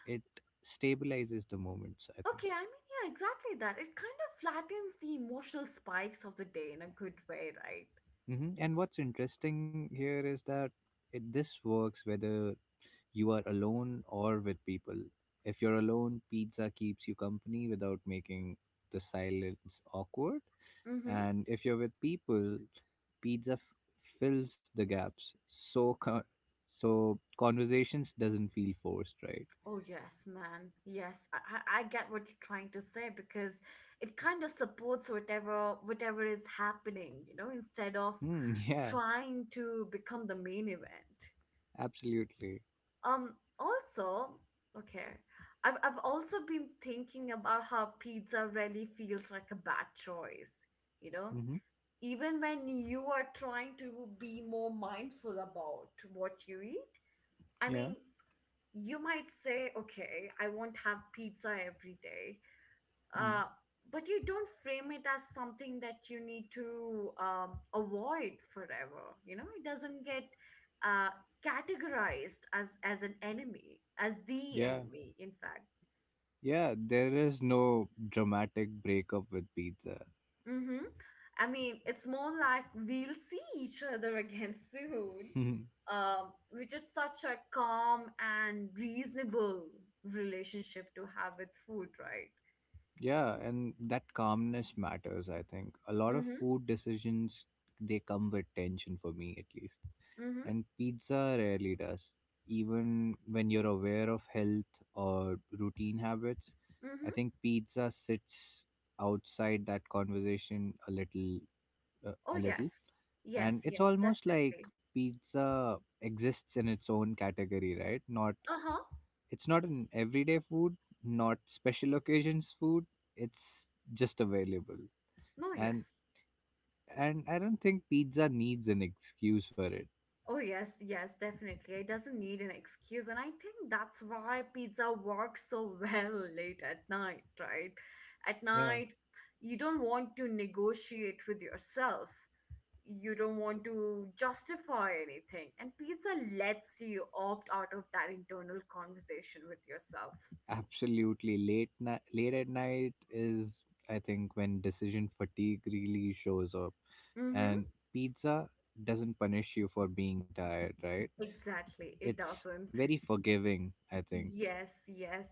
Speaker 2: It stabilizes the moments, I think.
Speaker 1: Okay, I mean, yeah, exactly that. It kind of flattens the emotional spikes of the day in a good way, right?
Speaker 2: Hmm. And what's interesting here is that this works whether you are alone or with people. If you're alone, pizza keeps you company without making the silence awkward.
Speaker 1: Mm hmm.
Speaker 2: And if you're with people, pizza f- fills the gaps. So conversations doesn't feel forced, right?
Speaker 1: Oh, yes, man. Yes, I get what you're trying to say because it kind of supports whatever is happening, you know, instead of
Speaker 2: Mm, yeah,
Speaker 1: trying to become the main event.
Speaker 2: absolutely.
Speaker 1: Um, Also, okay, I've also been thinking about how pizza really feels like a bad choice, you know,
Speaker 2: Mm-hmm.
Speaker 1: even when you are trying to be more mindful about what you eat. I
Speaker 2: Yeah,
Speaker 1: mean, you might say, okay, I won't have pizza every day.
Speaker 2: mm,
Speaker 1: Uh, but you don't frame it as something that you need to avoid forever. You know, it doesn't get uh, categorized as an enemy, as the
Speaker 2: yeah,
Speaker 1: enemy, in fact.
Speaker 2: yeah. There is no dramatic breakup with pizza.
Speaker 1: Mm-hmm. I mean, it's more like we'll see each other again soon, which is such a calm and reasonable relationship to have with food, right?
Speaker 2: Yeah, and that calmness matters, I think. A lot of
Speaker 1: Mm-hmm.
Speaker 2: food decisions, they come with tension for me at least.
Speaker 1: Mm-hmm.
Speaker 2: And pizza rarely does. Even when you're aware of health or routine habits, I think
Speaker 1: Mm-hmm.
Speaker 2: pizza sits outside that conversation a little uh,
Speaker 1: Oh,
Speaker 2: a little.
Speaker 1: yes. Yes,
Speaker 2: And it's
Speaker 1: yes,
Speaker 2: almost like
Speaker 1: definitely.
Speaker 2: pizza exists in its own category, right? Not
Speaker 1: Uh-huh.
Speaker 2: It's not an everyday food, not special occasions food. It's just available.
Speaker 1: No,
Speaker 2: And
Speaker 1: yes.
Speaker 2: and I don't think pizza needs an excuse for it.
Speaker 1: Oh, yes, yes, definitely. It doesn't need an excuse. And I think that's why pizza works so well late at night, right? At
Speaker 2: Yeah,
Speaker 1: night, you don't want to negotiate with yourself. You don't want to justify anything. And pizza lets you opt out of that internal conversation with yourself.
Speaker 2: absolutely. Late night, late at night is I think when decision fatigue really shows up.
Speaker 1: Mm-hmm.
Speaker 2: And pizza doesn't punish you for being tired, right?
Speaker 1: Exactly. It
Speaker 2: It's
Speaker 1: doesn't.
Speaker 2: very forgiving, I think.
Speaker 1: Yes, yes.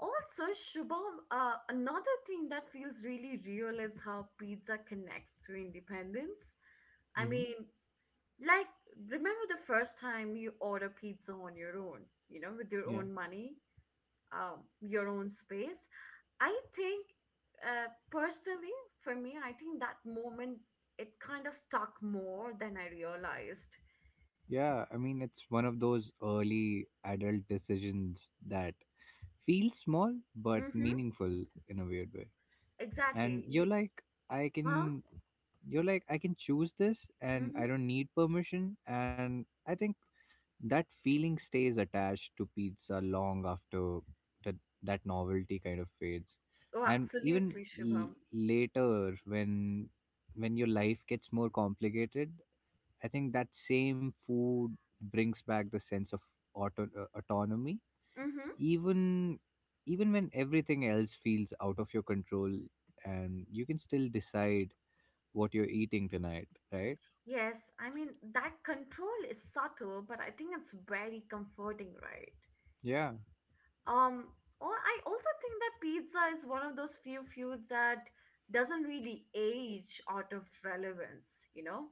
Speaker 1: Also, Shubham, another thing that feels really real is how pizza connects to independence. I
Speaker 2: Hmm.
Speaker 1: mean, like, remember the first time you order pizza on your own, you know, with your
Speaker 2: Yeah.
Speaker 1: own money, your own space? I think, personally, for me, I think that moment, it kind of stuck more than I realized.
Speaker 2: Yeah, I mean, it's one of those early adult decisions that feel small but
Speaker 1: Mm-hmm,
Speaker 2: meaningful in a weird way, and
Speaker 1: exactly. You,
Speaker 2: i
Speaker 1: huh?
Speaker 2: can you're like I can choose this and I
Speaker 1: Mm-hmm.
Speaker 2: don't need permission, and I think that feeling stays attached to pizza long after that that novelty kind of fades.
Speaker 1: Oh,
Speaker 2: And even
Speaker 1: absolutely,
Speaker 2: l-
Speaker 1: Shubham.
Speaker 2: later when your life gets more complicated, I think that same food brings back the sense of autonomy,
Speaker 1: Mm-hmm.
Speaker 2: even when everything else feels out of your control, and you can still decide what you're eating tonight, right?
Speaker 1: Yes, I mean that control is subtle, but I think it's very comforting, right?
Speaker 2: Yeah.
Speaker 1: Um, or I also think that pizza is one of those few foods that doesn't really age out of relevance, you know?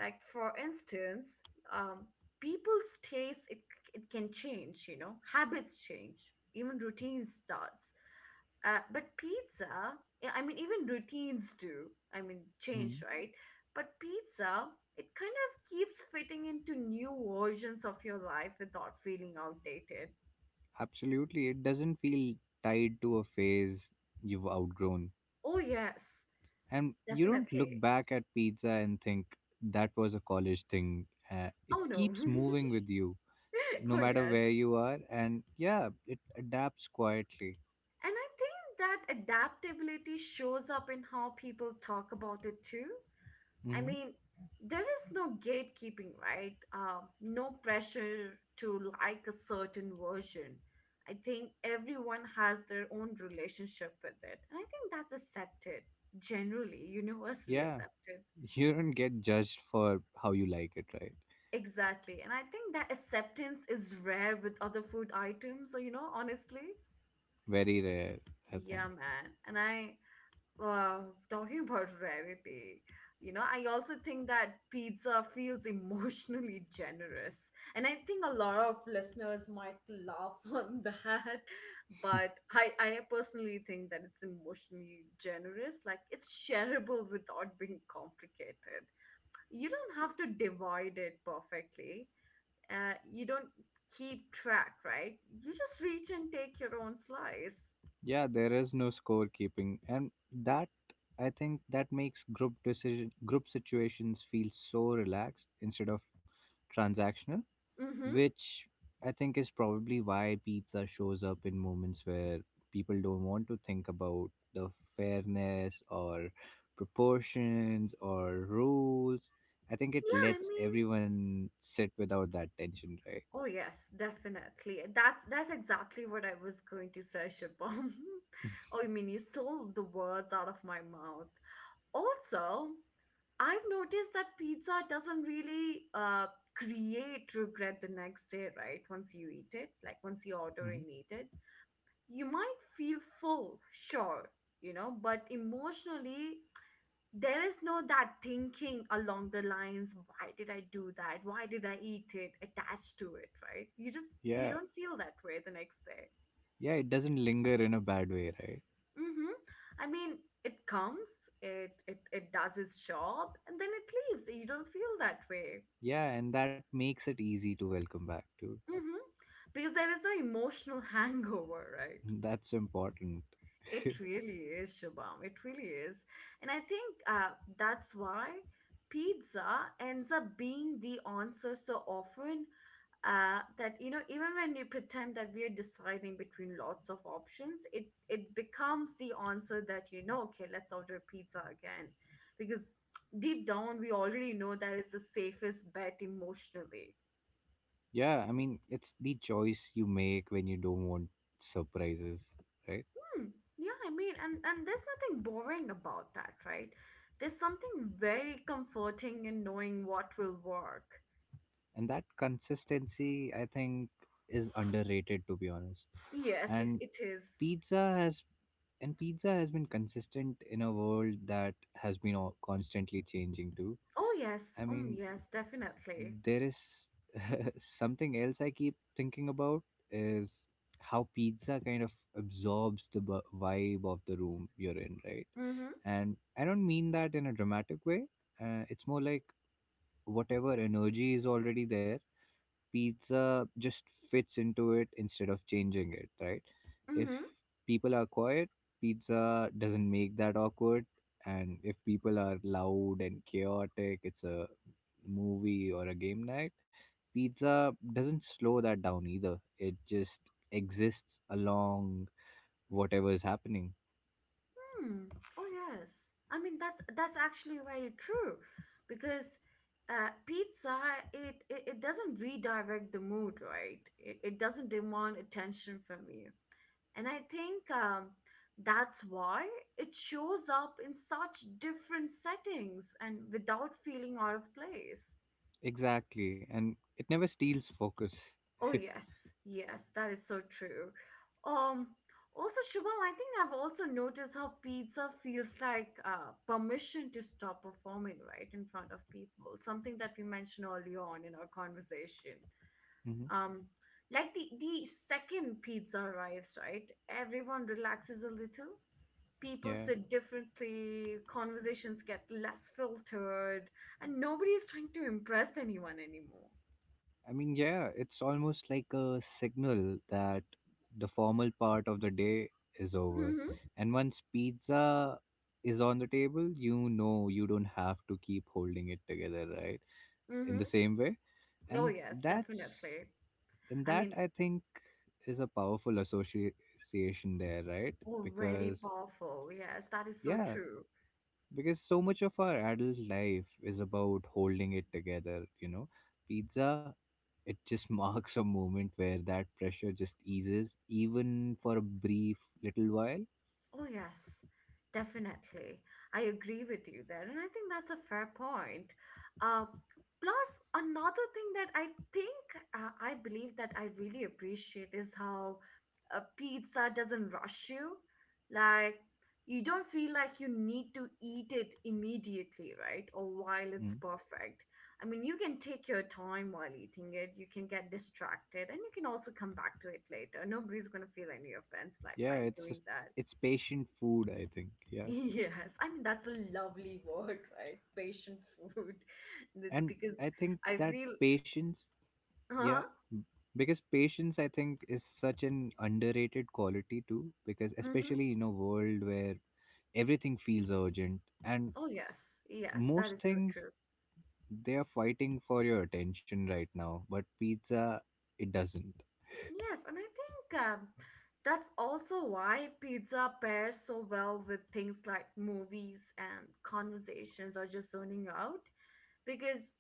Speaker 1: Like for instance, um, people's taste, it can change, you know, habits change, even routines starts. But pizza... Yeah, I mean, even routines do, I mean, change,
Speaker 2: Hmm.
Speaker 1: right? But pizza, it kind of keeps fitting into new versions of your life without feeling outdated.
Speaker 2: Absolutely, it doesn't feel tied to a phase you've outgrown.
Speaker 1: Oh yes,
Speaker 2: And you don't
Speaker 1: definitely.
Speaker 2: look back at pizza and think that was a college thing.
Speaker 1: Oh
Speaker 2: It
Speaker 1: no.
Speaker 2: keeps moving with you no
Speaker 1: Oh
Speaker 2: matter
Speaker 1: yes.
Speaker 2: where you are. And yeah, it adapts quietly.
Speaker 1: And I think that adaptability shows up in how people talk about it too. I
Speaker 2: Hmm.
Speaker 1: mean, there is no gatekeeping, right? No pressure to like a certain version. I think everyone has their own relationship with it. And I think that's accepted, generally, universally
Speaker 2: Yeah.
Speaker 1: accepted.
Speaker 2: You don't get judged for how you like it, right?
Speaker 1: Exactly. And I think that acceptance is rare with other food items, so honestly.
Speaker 2: Very rare, I think.
Speaker 1: Yeah, man. And I uh, talking about rarity, you know, I also think that pizza feels emotionally generous. And I think a lot of listeners might laugh on that, but I personally think that it's emotionally generous. Like it's shareable without being complicated. You don't have to divide it perfectly. You don't keep track, right? You just reach and take your own slice.
Speaker 2: Yeah, there is no scorekeeping, and that, I think, that makes group situations feel so relaxed instead of transactional,
Speaker 1: Mm-hmm.
Speaker 2: which, I think, is probably why pizza shows up in moments where people don't want to think about the fairness or proportions or rules. I think it
Speaker 1: Yeah, I
Speaker 2: lets
Speaker 1: mean,
Speaker 2: everyone sit without that tension, right?
Speaker 1: oh yes, definitely. That's exactly what I was going to say, upon. Oh, I mean, you stole the words out of my mouth. Also, I've noticed that pizza doesn't really create regret the next day, right? Once you eat it, like once you order
Speaker 2: Hmm.
Speaker 1: and eat it, you might feel full, sure, you know, but emotionally there is no that thinking along the lines why did I do that, why did I eat it attached to it, right? You just, you
Speaker 2: Yeah.
Speaker 1: don't feel that way the next day.
Speaker 2: Yeah, it doesn't linger in a bad way, right?
Speaker 1: Mm-hmm. I mean it comes, it, it does its job and then it leaves. You don't feel that way.
Speaker 2: Yeah, and that makes it easy to welcome back to.
Speaker 1: Mm-hmm. Because there is no emotional hangover, right?
Speaker 2: That's important.
Speaker 1: It really is, Shubham. It really is. And I think that's why pizza ends up being the answer so often, that, you know, even when we pretend that we are deciding between lots of options, it becomes the answer that, you know, okay, let's order pizza again. Because deep down, we already know that it's the safest bet emotionally.
Speaker 2: Yeah, I mean, it's the choice you make when you don't want surprises, right?
Speaker 1: Hmm. Yeah, I mean, and there's nothing boring about that, right? There's something very comforting in knowing what will work.
Speaker 2: And that consistency, I think, is underrated to be honest.
Speaker 1: Yes, i-
Speaker 2: And
Speaker 1: it is.
Speaker 2: pizza has and pizza has been consistent in a world that has been constantly changing too.
Speaker 1: Oh yes,
Speaker 2: I mean,
Speaker 1: yes, definitely.
Speaker 2: there is something else I keep thinking about is how pizza kind of absorbs the vibe of the room you're in, right?
Speaker 1: Mm-hmm.
Speaker 2: And I don't mean that in a dramatic way. It's more like whatever energy is already there, pizza just fits into it instead of changing it, right? If
Speaker 1: Mm-hmm.
Speaker 2: people are quiet, pizza doesn't make that awkward. And if people are loud and chaotic, it's a movie or a game night, pizza doesn't slow that down either. It just exists along whatever is happening.
Speaker 1: Hmm. Oh yes. I mean, that's actually very true, because pizza it, it doesn't redirect the mood, right? It doesn't demand attention from you. And I think that's why it shows up in such different settings and without feeling out of place.
Speaker 2: Exactly. And it never steals focus.
Speaker 1: Oh, yes, yes, that is so true. Um, also, Shubham, I think I've also noticed how pizza feels like permission to stop performing right in front of people, something that we mentioned earlier on in our conversation.
Speaker 2: Hmm.
Speaker 1: Um, like the second pizza arrives, right? Everyone relaxes a little, people
Speaker 2: Yeah.
Speaker 1: sit differently, conversations get less filtered, and nobody is trying to impress anyone anymore.
Speaker 2: I mean, yeah, it's almost like a signal that the formal part of the day is over.
Speaker 1: Mm-hmm.
Speaker 2: And once pizza is on the table, you know you don't have to keep holding it together, right? In
Speaker 1: Mm-hmm.
Speaker 2: the same way.
Speaker 1: Oh,
Speaker 2: And
Speaker 1: yes,
Speaker 2: that's,
Speaker 1: definitely.
Speaker 2: and
Speaker 1: I
Speaker 2: that,
Speaker 1: mean,
Speaker 2: I think, is a powerful association there, right?
Speaker 1: oh, very
Speaker 2: Because,
Speaker 1: powerful. Yes, that is so
Speaker 2: yeah,
Speaker 1: true.
Speaker 2: because so much of our adult life is about holding it together, you know? Pizza, it just marks a moment where that pressure just eases even for a brief little while.
Speaker 1: Oh, yes, definitely. I agree with you there. And I think that's a fair point. Uh, plus, another thing that I think I believe that I really appreciate is how a pizza doesn't rush you. Like, you don't feel like you need to eat it immediately, right? Or while it's
Speaker 2: Mm.
Speaker 1: perfect. I mean, you can take your time while eating it. You can get distracted and you can also come back to it later. Nobody's going to feel any offense like
Speaker 2: Yeah,
Speaker 1: while
Speaker 2: it's just,
Speaker 1: doing that.
Speaker 2: it's patient food, I think. Yeah,
Speaker 1: Yes, I mean that's a lovely word, right? Patient food.
Speaker 2: and
Speaker 1: Because
Speaker 2: I think
Speaker 1: I
Speaker 2: that
Speaker 1: feel,
Speaker 2: patience, yeah,
Speaker 1: huh?
Speaker 2: m- because patience, I think, is such an underrated quality too, because
Speaker 1: Mm-hmm.
Speaker 2: especially in a world where everything feels urgent and
Speaker 1: Oh yes, yes, that
Speaker 2: most
Speaker 1: is so
Speaker 2: things,
Speaker 1: true.
Speaker 2: they are fighting for your attention right now, but pizza, it doesn't.
Speaker 1: Yes, and I think that's also why pizza pairs so well with things like movies and conversations or just zoning out, because,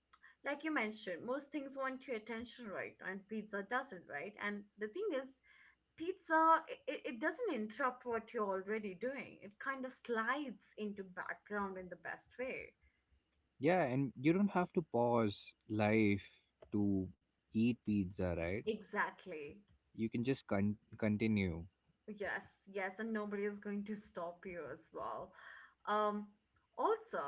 Speaker 1: like you mentioned, most things want your attention, right? And pizza doesn't, right? And the thing is, pizza it doesn't interrupt what you're already doing, it kind of slides into background in the best way.
Speaker 2: Yeah, and you don't have to pause life to eat pizza, right?
Speaker 1: Exactly.
Speaker 2: You can just continue.
Speaker 1: Yes, yes, and nobody is going to stop you as well. um also,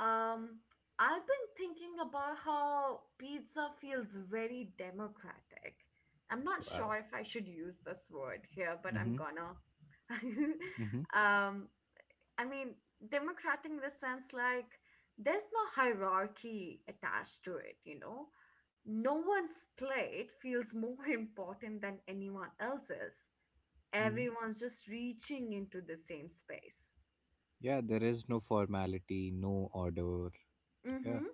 Speaker 1: um I've been thinking about how pizza feels very democratic. I'm not
Speaker 2: Wow.
Speaker 1: sure if I should use this word here, but I'm
Speaker 2: Mm-hmm.
Speaker 1: gonna.
Speaker 2: Mm-hmm.
Speaker 1: um I mean, democratic in the sense like there's no hierarchy attached to it, you know? No one's plate feels more important than anyone else's.
Speaker 2: Mm-hmm.
Speaker 1: Everyone's just reaching into the same space.
Speaker 2: Yeah, there is no formality, no order. Yeah.
Speaker 1: Mm-hmm.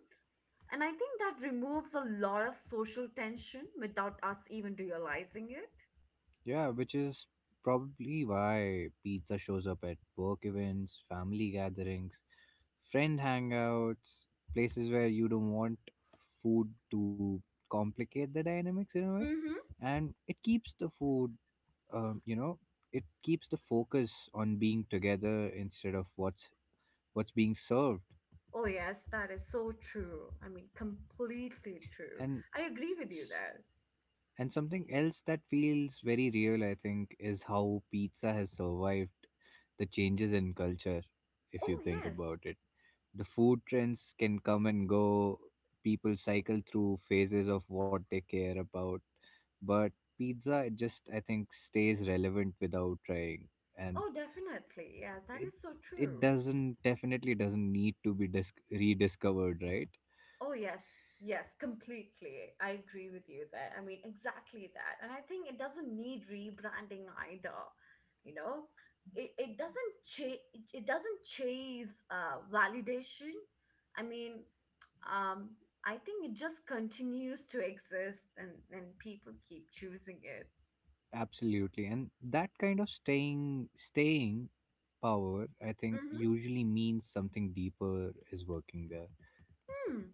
Speaker 1: And I think that removes a lot of social tension without us even realizing it.
Speaker 2: Yeah, which is probably why pizza shows up at work events, family gatherings, friend hangouts, places where you don't want food to complicate the dynamics in a way.
Speaker 1: Mm-hmm.
Speaker 2: And it keeps the food, you know, it keeps the focus on being together instead of what's being served.
Speaker 1: Oh, yes, that is so true. I mean, completely true.
Speaker 2: And
Speaker 1: I agree with you
Speaker 2: s-
Speaker 1: there.
Speaker 2: and something else that feels very real, I think, is how pizza has survived the changes in culture, if you
Speaker 1: Oh,
Speaker 2: think
Speaker 1: yes.
Speaker 2: about it. The food trends can come and go, people cycle through phases of what they care about, but pizza, it just, I think, stays relevant without trying. And
Speaker 1: Oh, definitely. Yes, that
Speaker 2: it
Speaker 1: is so
Speaker 2: it
Speaker 1: true.
Speaker 2: doesn't definitely doesn't need to be rediscovered, right?
Speaker 1: Oh, yes. Yes, completely. I agree with you there. I mean, exactly that. And I think it doesn't need rebranding either. You know, it doesn't chase, it doesn't chase validation. I mean, um, I think it just continues to exist, and people keep choosing it.
Speaker 2: Absolutely. And that kind of staying power, I think,
Speaker 1: Mm-hmm.
Speaker 2: usually means something deeper is working there.
Speaker 1: Hmm.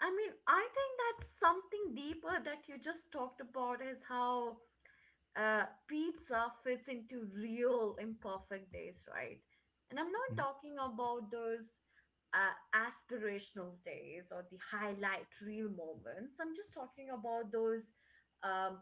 Speaker 1: I mean, I think that's something deeper that you just talked about is how pizza fits into real imperfect days, right? And I'm not
Speaker 2: Mm.
Speaker 1: talking about those aspirational days or the highlight real moments. I'm just talking about those um,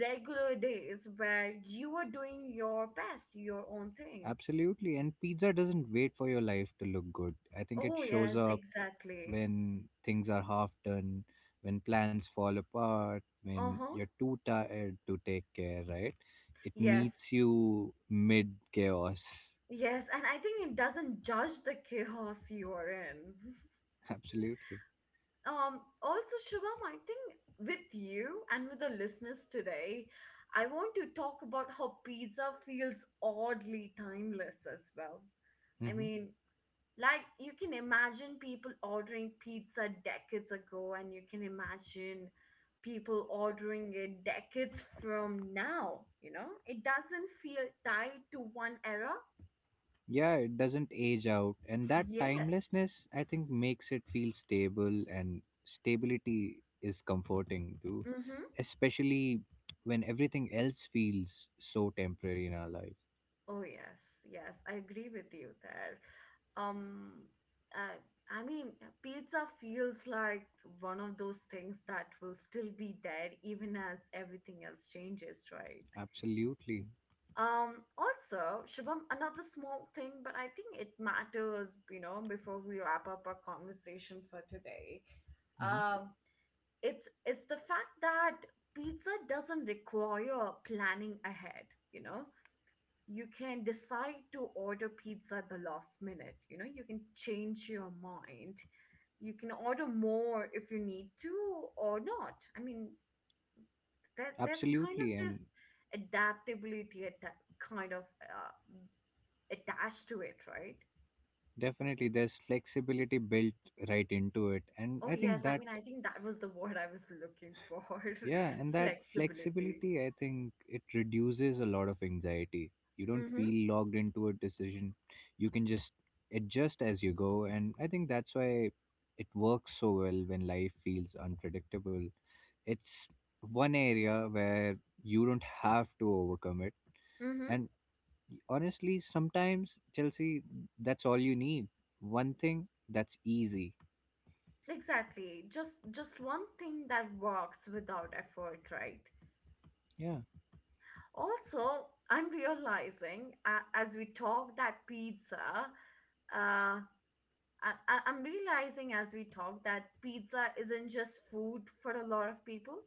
Speaker 1: regular days where you are doing your best, your own thing.
Speaker 2: Absolutely. And pizza doesn't wait for your life to look good. I think it
Speaker 1: Oh,
Speaker 2: shows
Speaker 1: yes,
Speaker 2: up
Speaker 1: exactly.
Speaker 2: when things are half done, when plans fall apart, when
Speaker 1: Uh huh.
Speaker 2: you're too tired to take care, right? It
Speaker 1: Yes.
Speaker 2: meets you mid chaos.
Speaker 1: Yes. And I think it doesn't judge the chaos you are in.
Speaker 2: Absolutely.
Speaker 1: Also, Shubham, I think with you and with the listeners today, I want to talk about how pizza feels oddly timeless as well. I
Speaker 2: Hmm.
Speaker 1: mean, like you can imagine people ordering pizza decades ago, and you can imagine people ordering it decades from now. You know, it doesn't feel tied to one era.
Speaker 2: Yeah, it doesn't age out, and that
Speaker 1: Yes.
Speaker 2: timelessness, I think, makes it feel stable, and stability is comforting too,
Speaker 1: Mm-hmm.
Speaker 2: especially when everything else feels so temporary in our lives.
Speaker 1: Oh yes, yes, I agree with you there. Um, uh, I mean, pizza feels like one of those things that will still be there even as everything else changes, right?
Speaker 2: Absolutely.
Speaker 1: Also, Shubham, another small thing, but I think it matters, you know, before we wrap up our conversation for today.
Speaker 2: Hmm.
Speaker 1: Um, it's the fact that pizza doesn't require planning ahead, you know you can decide to order pizza at the last minute. You know, you can change your mind. You can order more if you need to or not. I mean, that there's kind of
Speaker 2: Absolutely.
Speaker 1: this
Speaker 2: And
Speaker 1: adaptability at that kind of attached to it, right?
Speaker 2: definitely there's flexibility built right into it, and
Speaker 1: Oh
Speaker 2: I think
Speaker 1: yes, I
Speaker 2: that.
Speaker 1: mean, I think that was the word I was looking for,
Speaker 2: Yeah, and that
Speaker 1: flexibility.
Speaker 2: flexibility, I think it reduces a lot of anxiety. You don't
Speaker 1: Mm-hmm.
Speaker 2: feel logged into a decision. You can just adjust as you go. And I think that's why it works so well when life feels unpredictable. It's one area where you don't have to overcome it.
Speaker 1: Mm-hmm.
Speaker 2: And honestly, sometimes, Chelsea, that's all you need. One thing that's easy.
Speaker 1: Exactly. Just one thing that works without effort, right?
Speaker 2: Yeah,
Speaker 1: Also, I'm realizing as we talk that pizza, uh, I, I'm realizing as we talk that pizza isn't just food for a lot of people.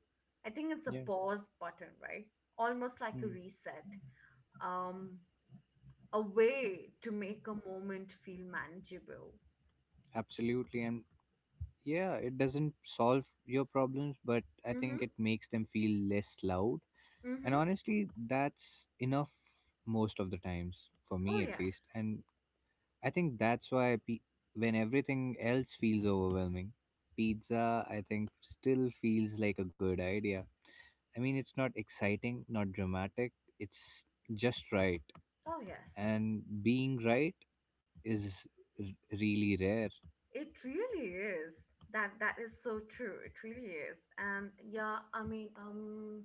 Speaker 1: I think it's a
Speaker 2: yeah.
Speaker 1: pause button, right? Almost like a
Speaker 2: Mm,
Speaker 1: reset, um, a way to make a moment feel manageable.
Speaker 2: absolutely. And yeah, it doesn't solve your problems, but I think
Speaker 1: Mm-hmm.
Speaker 2: it makes them feel less loud. And
Speaker 1: Mm-hmm.
Speaker 2: honestly, that's enough most of the times, for
Speaker 1: Oh
Speaker 2: me at least.
Speaker 1: yes.
Speaker 2: And I think that's why when everything else feels overwhelming, pizza, I think, still feels like a good idea. I mean, it's not exciting, not dramatic, it's just right.
Speaker 1: Oh yes.
Speaker 2: And being right is r- really rare.
Speaker 1: It really is. That is so true. It really is. And yeah, I mean,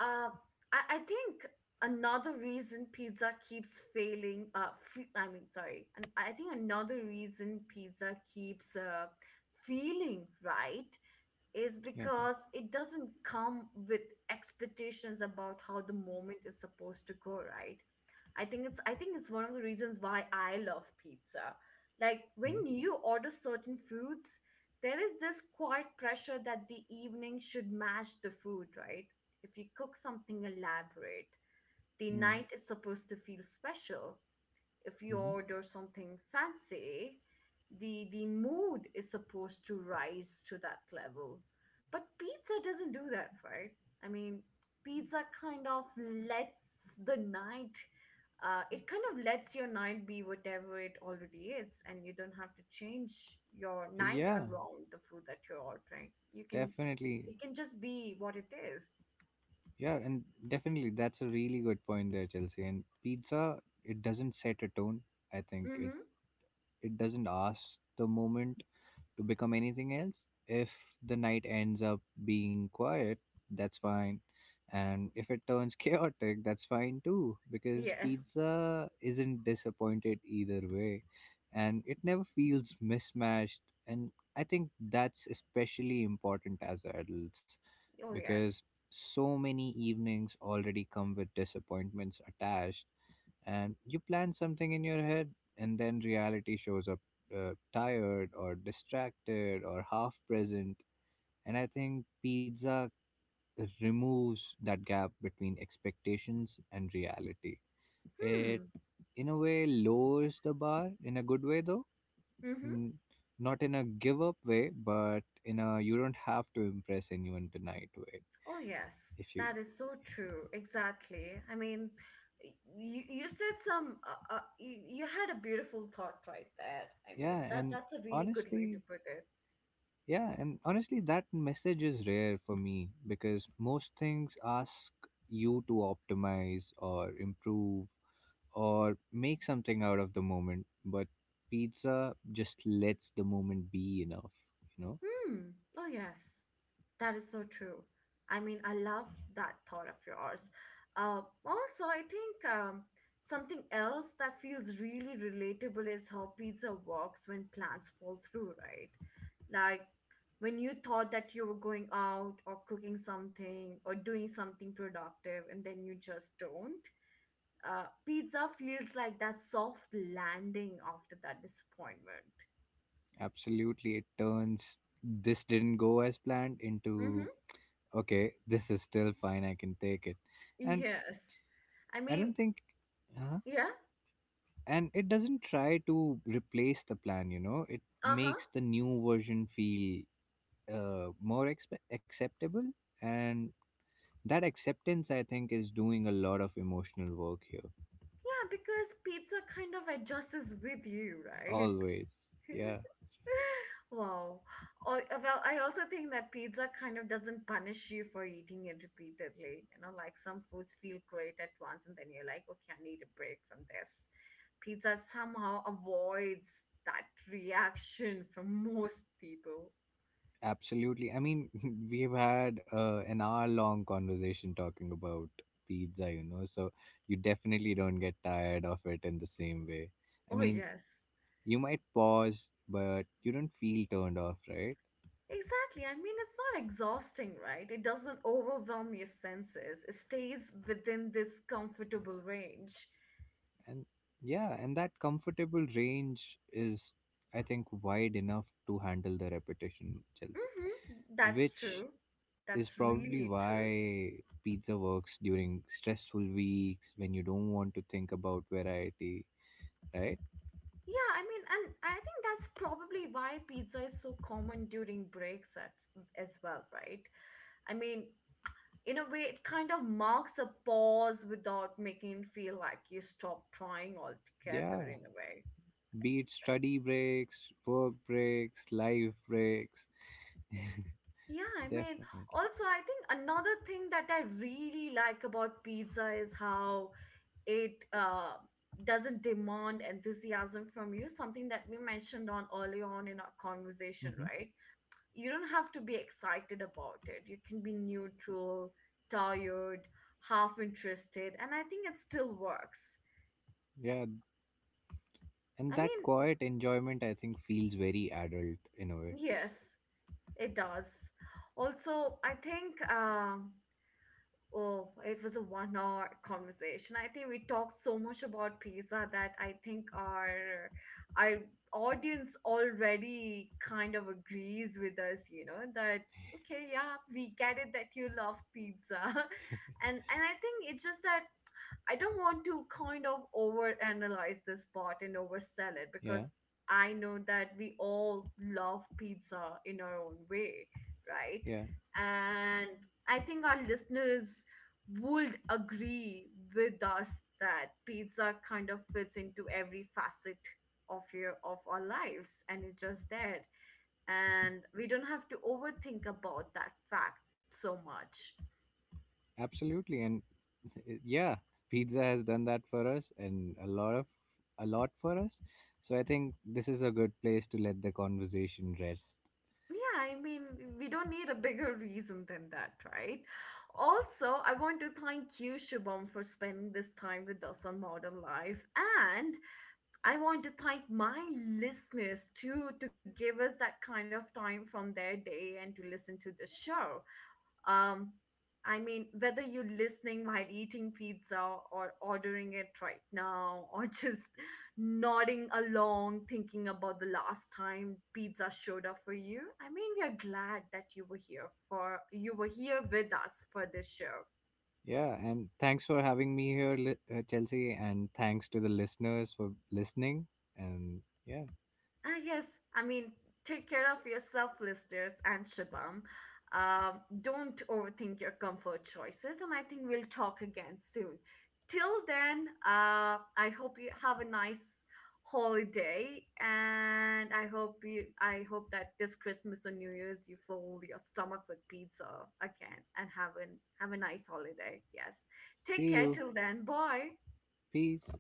Speaker 1: Uh, I think another reason pizza keeps failing, I mean, sorry, and I think another reason pizza keeps feeling right is
Speaker 2: Yeah.
Speaker 1: because it doesn't come with expectations about how the moment is supposed to go, right? I think it's one of the reasons why I love pizza. Like when you order certain foods, there is this quiet pressure that the evening should match the food, right? If you cook something elaborate, the
Speaker 2: Mm-hmm.
Speaker 1: night is supposed to feel special. If you order something fancy, the mood is supposed to rise to that level. But pizza doesn't do that, right? I mean, pizza kind of lets the night it kind of lets your night be whatever it already is, and you don't have to change your
Speaker 2: Well,
Speaker 1: night
Speaker 2: yeah,
Speaker 1: around the food that you're ordering. You can,
Speaker 2: definitely.
Speaker 1: it can just be what it is.
Speaker 2: Yeah, and definitely that's a really good point there, Chelsea. And pizza, it doesn't set a tone. I think it
Speaker 1: Mm-hmm.
Speaker 2: doesn't ask the moment to become anything else. If the night ends up being quiet, that's fine. And if it turns chaotic, that's fine too, because
Speaker 1: Yes.
Speaker 2: pizza isn't disappointed either way. And it never feels mismatched. And I think that's especially important as adults
Speaker 1: Oh,
Speaker 2: because
Speaker 1: yes.
Speaker 2: so many evenings already come with disappointments attached, and you plan something in your head, and then reality shows up, tired or distracted or half present. And I think pizza removes that gap between expectations and reality.
Speaker 1: Hmm.
Speaker 2: It, in a way, lowers the bar in a good way, though.
Speaker 1: Mm-hmm.
Speaker 2: N- Not in a give up way, but in a you don't have to impress anyone tonight way,
Speaker 1: Oh, yes,
Speaker 2: if you.
Speaker 1: that is so true. Exactly. I mean, you said some, you had a beautiful thought right there. I
Speaker 2: Yeah,
Speaker 1: mean, that
Speaker 2: and
Speaker 1: that's a really good way to
Speaker 2: honestly,
Speaker 1: put it.
Speaker 2: that message is rare for me because most things ask you to optimize or improve or make something out of the moment, but pizza just lets the moment be enough, you know?
Speaker 1: Hmm. Oh, yes. That is so true. I mean, I love that thought of yours. Also, I think something else that feels really relatable is how pizza works when plans fall through, right? Like when you thought that you were going out or cooking something or doing something productive, and then you just don't. Pizza feels like that soft landing after that disappointment.
Speaker 2: Absolutely, it turns this didn't go as planned into
Speaker 1: Mm-hmm.
Speaker 2: okay, this is still fine, I can take it. And
Speaker 1: Yes. I
Speaker 2: I don't
Speaker 1: mean,
Speaker 2: think. Huh?
Speaker 1: yeah?
Speaker 2: And it doesn't try to replace the plan, you know, it
Speaker 1: Uh-huh.
Speaker 2: makes the new version feel more acceptable. And that acceptance, I think, is doing a lot of emotional work here.
Speaker 1: Yeah, because pizza kind of adjusts with you, right?
Speaker 2: Always. Yeah,
Speaker 1: Wow. Oh, well, I also think that pizza kind of doesn't punish you for eating it repeatedly. You know, like some foods feel great at once, and then you're like, okay, I need a break from this. Pizza somehow avoids that reaction from most people.
Speaker 2: absolutely. I mean, we've had an hour long conversation talking about pizza, you know, so you definitely don't get tired of it in the same way. I
Speaker 1: Oh,
Speaker 2: mean,
Speaker 1: yes.
Speaker 2: you might pause, but you don't feel turned off, right?
Speaker 1: Exactly. I mean, it's not exhausting, right? It doesn't overwhelm your senses. It stays within this comfortable range.
Speaker 2: And yeah, and that comfortable range is, I think, wide enough to handle the repetition, Chelsea,
Speaker 1: Mm-hmm. That's
Speaker 2: which
Speaker 1: true.
Speaker 2: is
Speaker 1: That's
Speaker 2: probably
Speaker 1: really true.
Speaker 2: why pizza works during stressful weeks when you don't want to think about variety, right?
Speaker 1: Yeah, I mean, and I think that's probably why pizza is so common during breaks at, as well, right? I mean, in a way, it kind of marks a pause without making it feel like you stop trying altogether,
Speaker 2: Yeah,
Speaker 1: in a way.
Speaker 2: be it study breaks, work breaks, life breaks.
Speaker 1: Yeah, I mean,
Speaker 2: Definitely.
Speaker 1: also, I think another thing that I really like about pizza is how it doesn't demand enthusiasm from you, something that we mentioned on early on in our conversation,
Speaker 2: Hmm.
Speaker 1: right? You don't have to be excited about it. You can be neutral, tired, half interested, and I think it still works.
Speaker 2: Yeah, and
Speaker 1: I
Speaker 2: that
Speaker 1: mean,
Speaker 2: quiet enjoyment, I think, feels very adult in a way.
Speaker 1: yes, it does. Also, I think. Oh, it was a 1 hour conversation. I think we talked so much about pizza that I think our audience already kind of agrees with us, you know, that okay, yeah, we get it that you love pizza. And I think it's just that I don't want to kind of overanalyze this part and oversell it
Speaker 2: Yeah.
Speaker 1: because I know that we all love pizza in our own way, right?
Speaker 2: Yeah,
Speaker 1: And I think our listeners would agree with us that pizza kind of fits into every facet of our lives and it's just there and we don't have to overthink about that fact so much.
Speaker 2: absolutely. And yeah, pizza has done that for us, and a lot of, a lot for us. So I think this is a good place to let the conversation rest.
Speaker 1: Yeah, I mean, we don't need a bigger reason than that, right? Also, I want to thank you, Shubham, for spending this time with us on Modern Life. And I want to thank my listeners too to give us that kind of time from their day and to listen to the show. Um, I mean, whether you're listening while eating pizza or ordering it right now or just nodding along thinking about the last time pizza showed up for you, I mean, we are glad that you were here for you were here with us for this show.
Speaker 2: Yeah, and thanks for having me here, Chelsea, and thanks to the listeners for listening. And yeah,
Speaker 1: Ah, yes. I mean, take care of yourself, listeners, and Shabam. Don't overthink your comfort choices, and I think we'll talk again soon. Till then, I hope you have a nice holiday, and I hope that this Christmas or New Year's you fill your stomach with pizza again, and have a nice holiday. Yes, take
Speaker 2: see
Speaker 1: care.
Speaker 2: you.
Speaker 1: Till then, bye.
Speaker 2: Peace.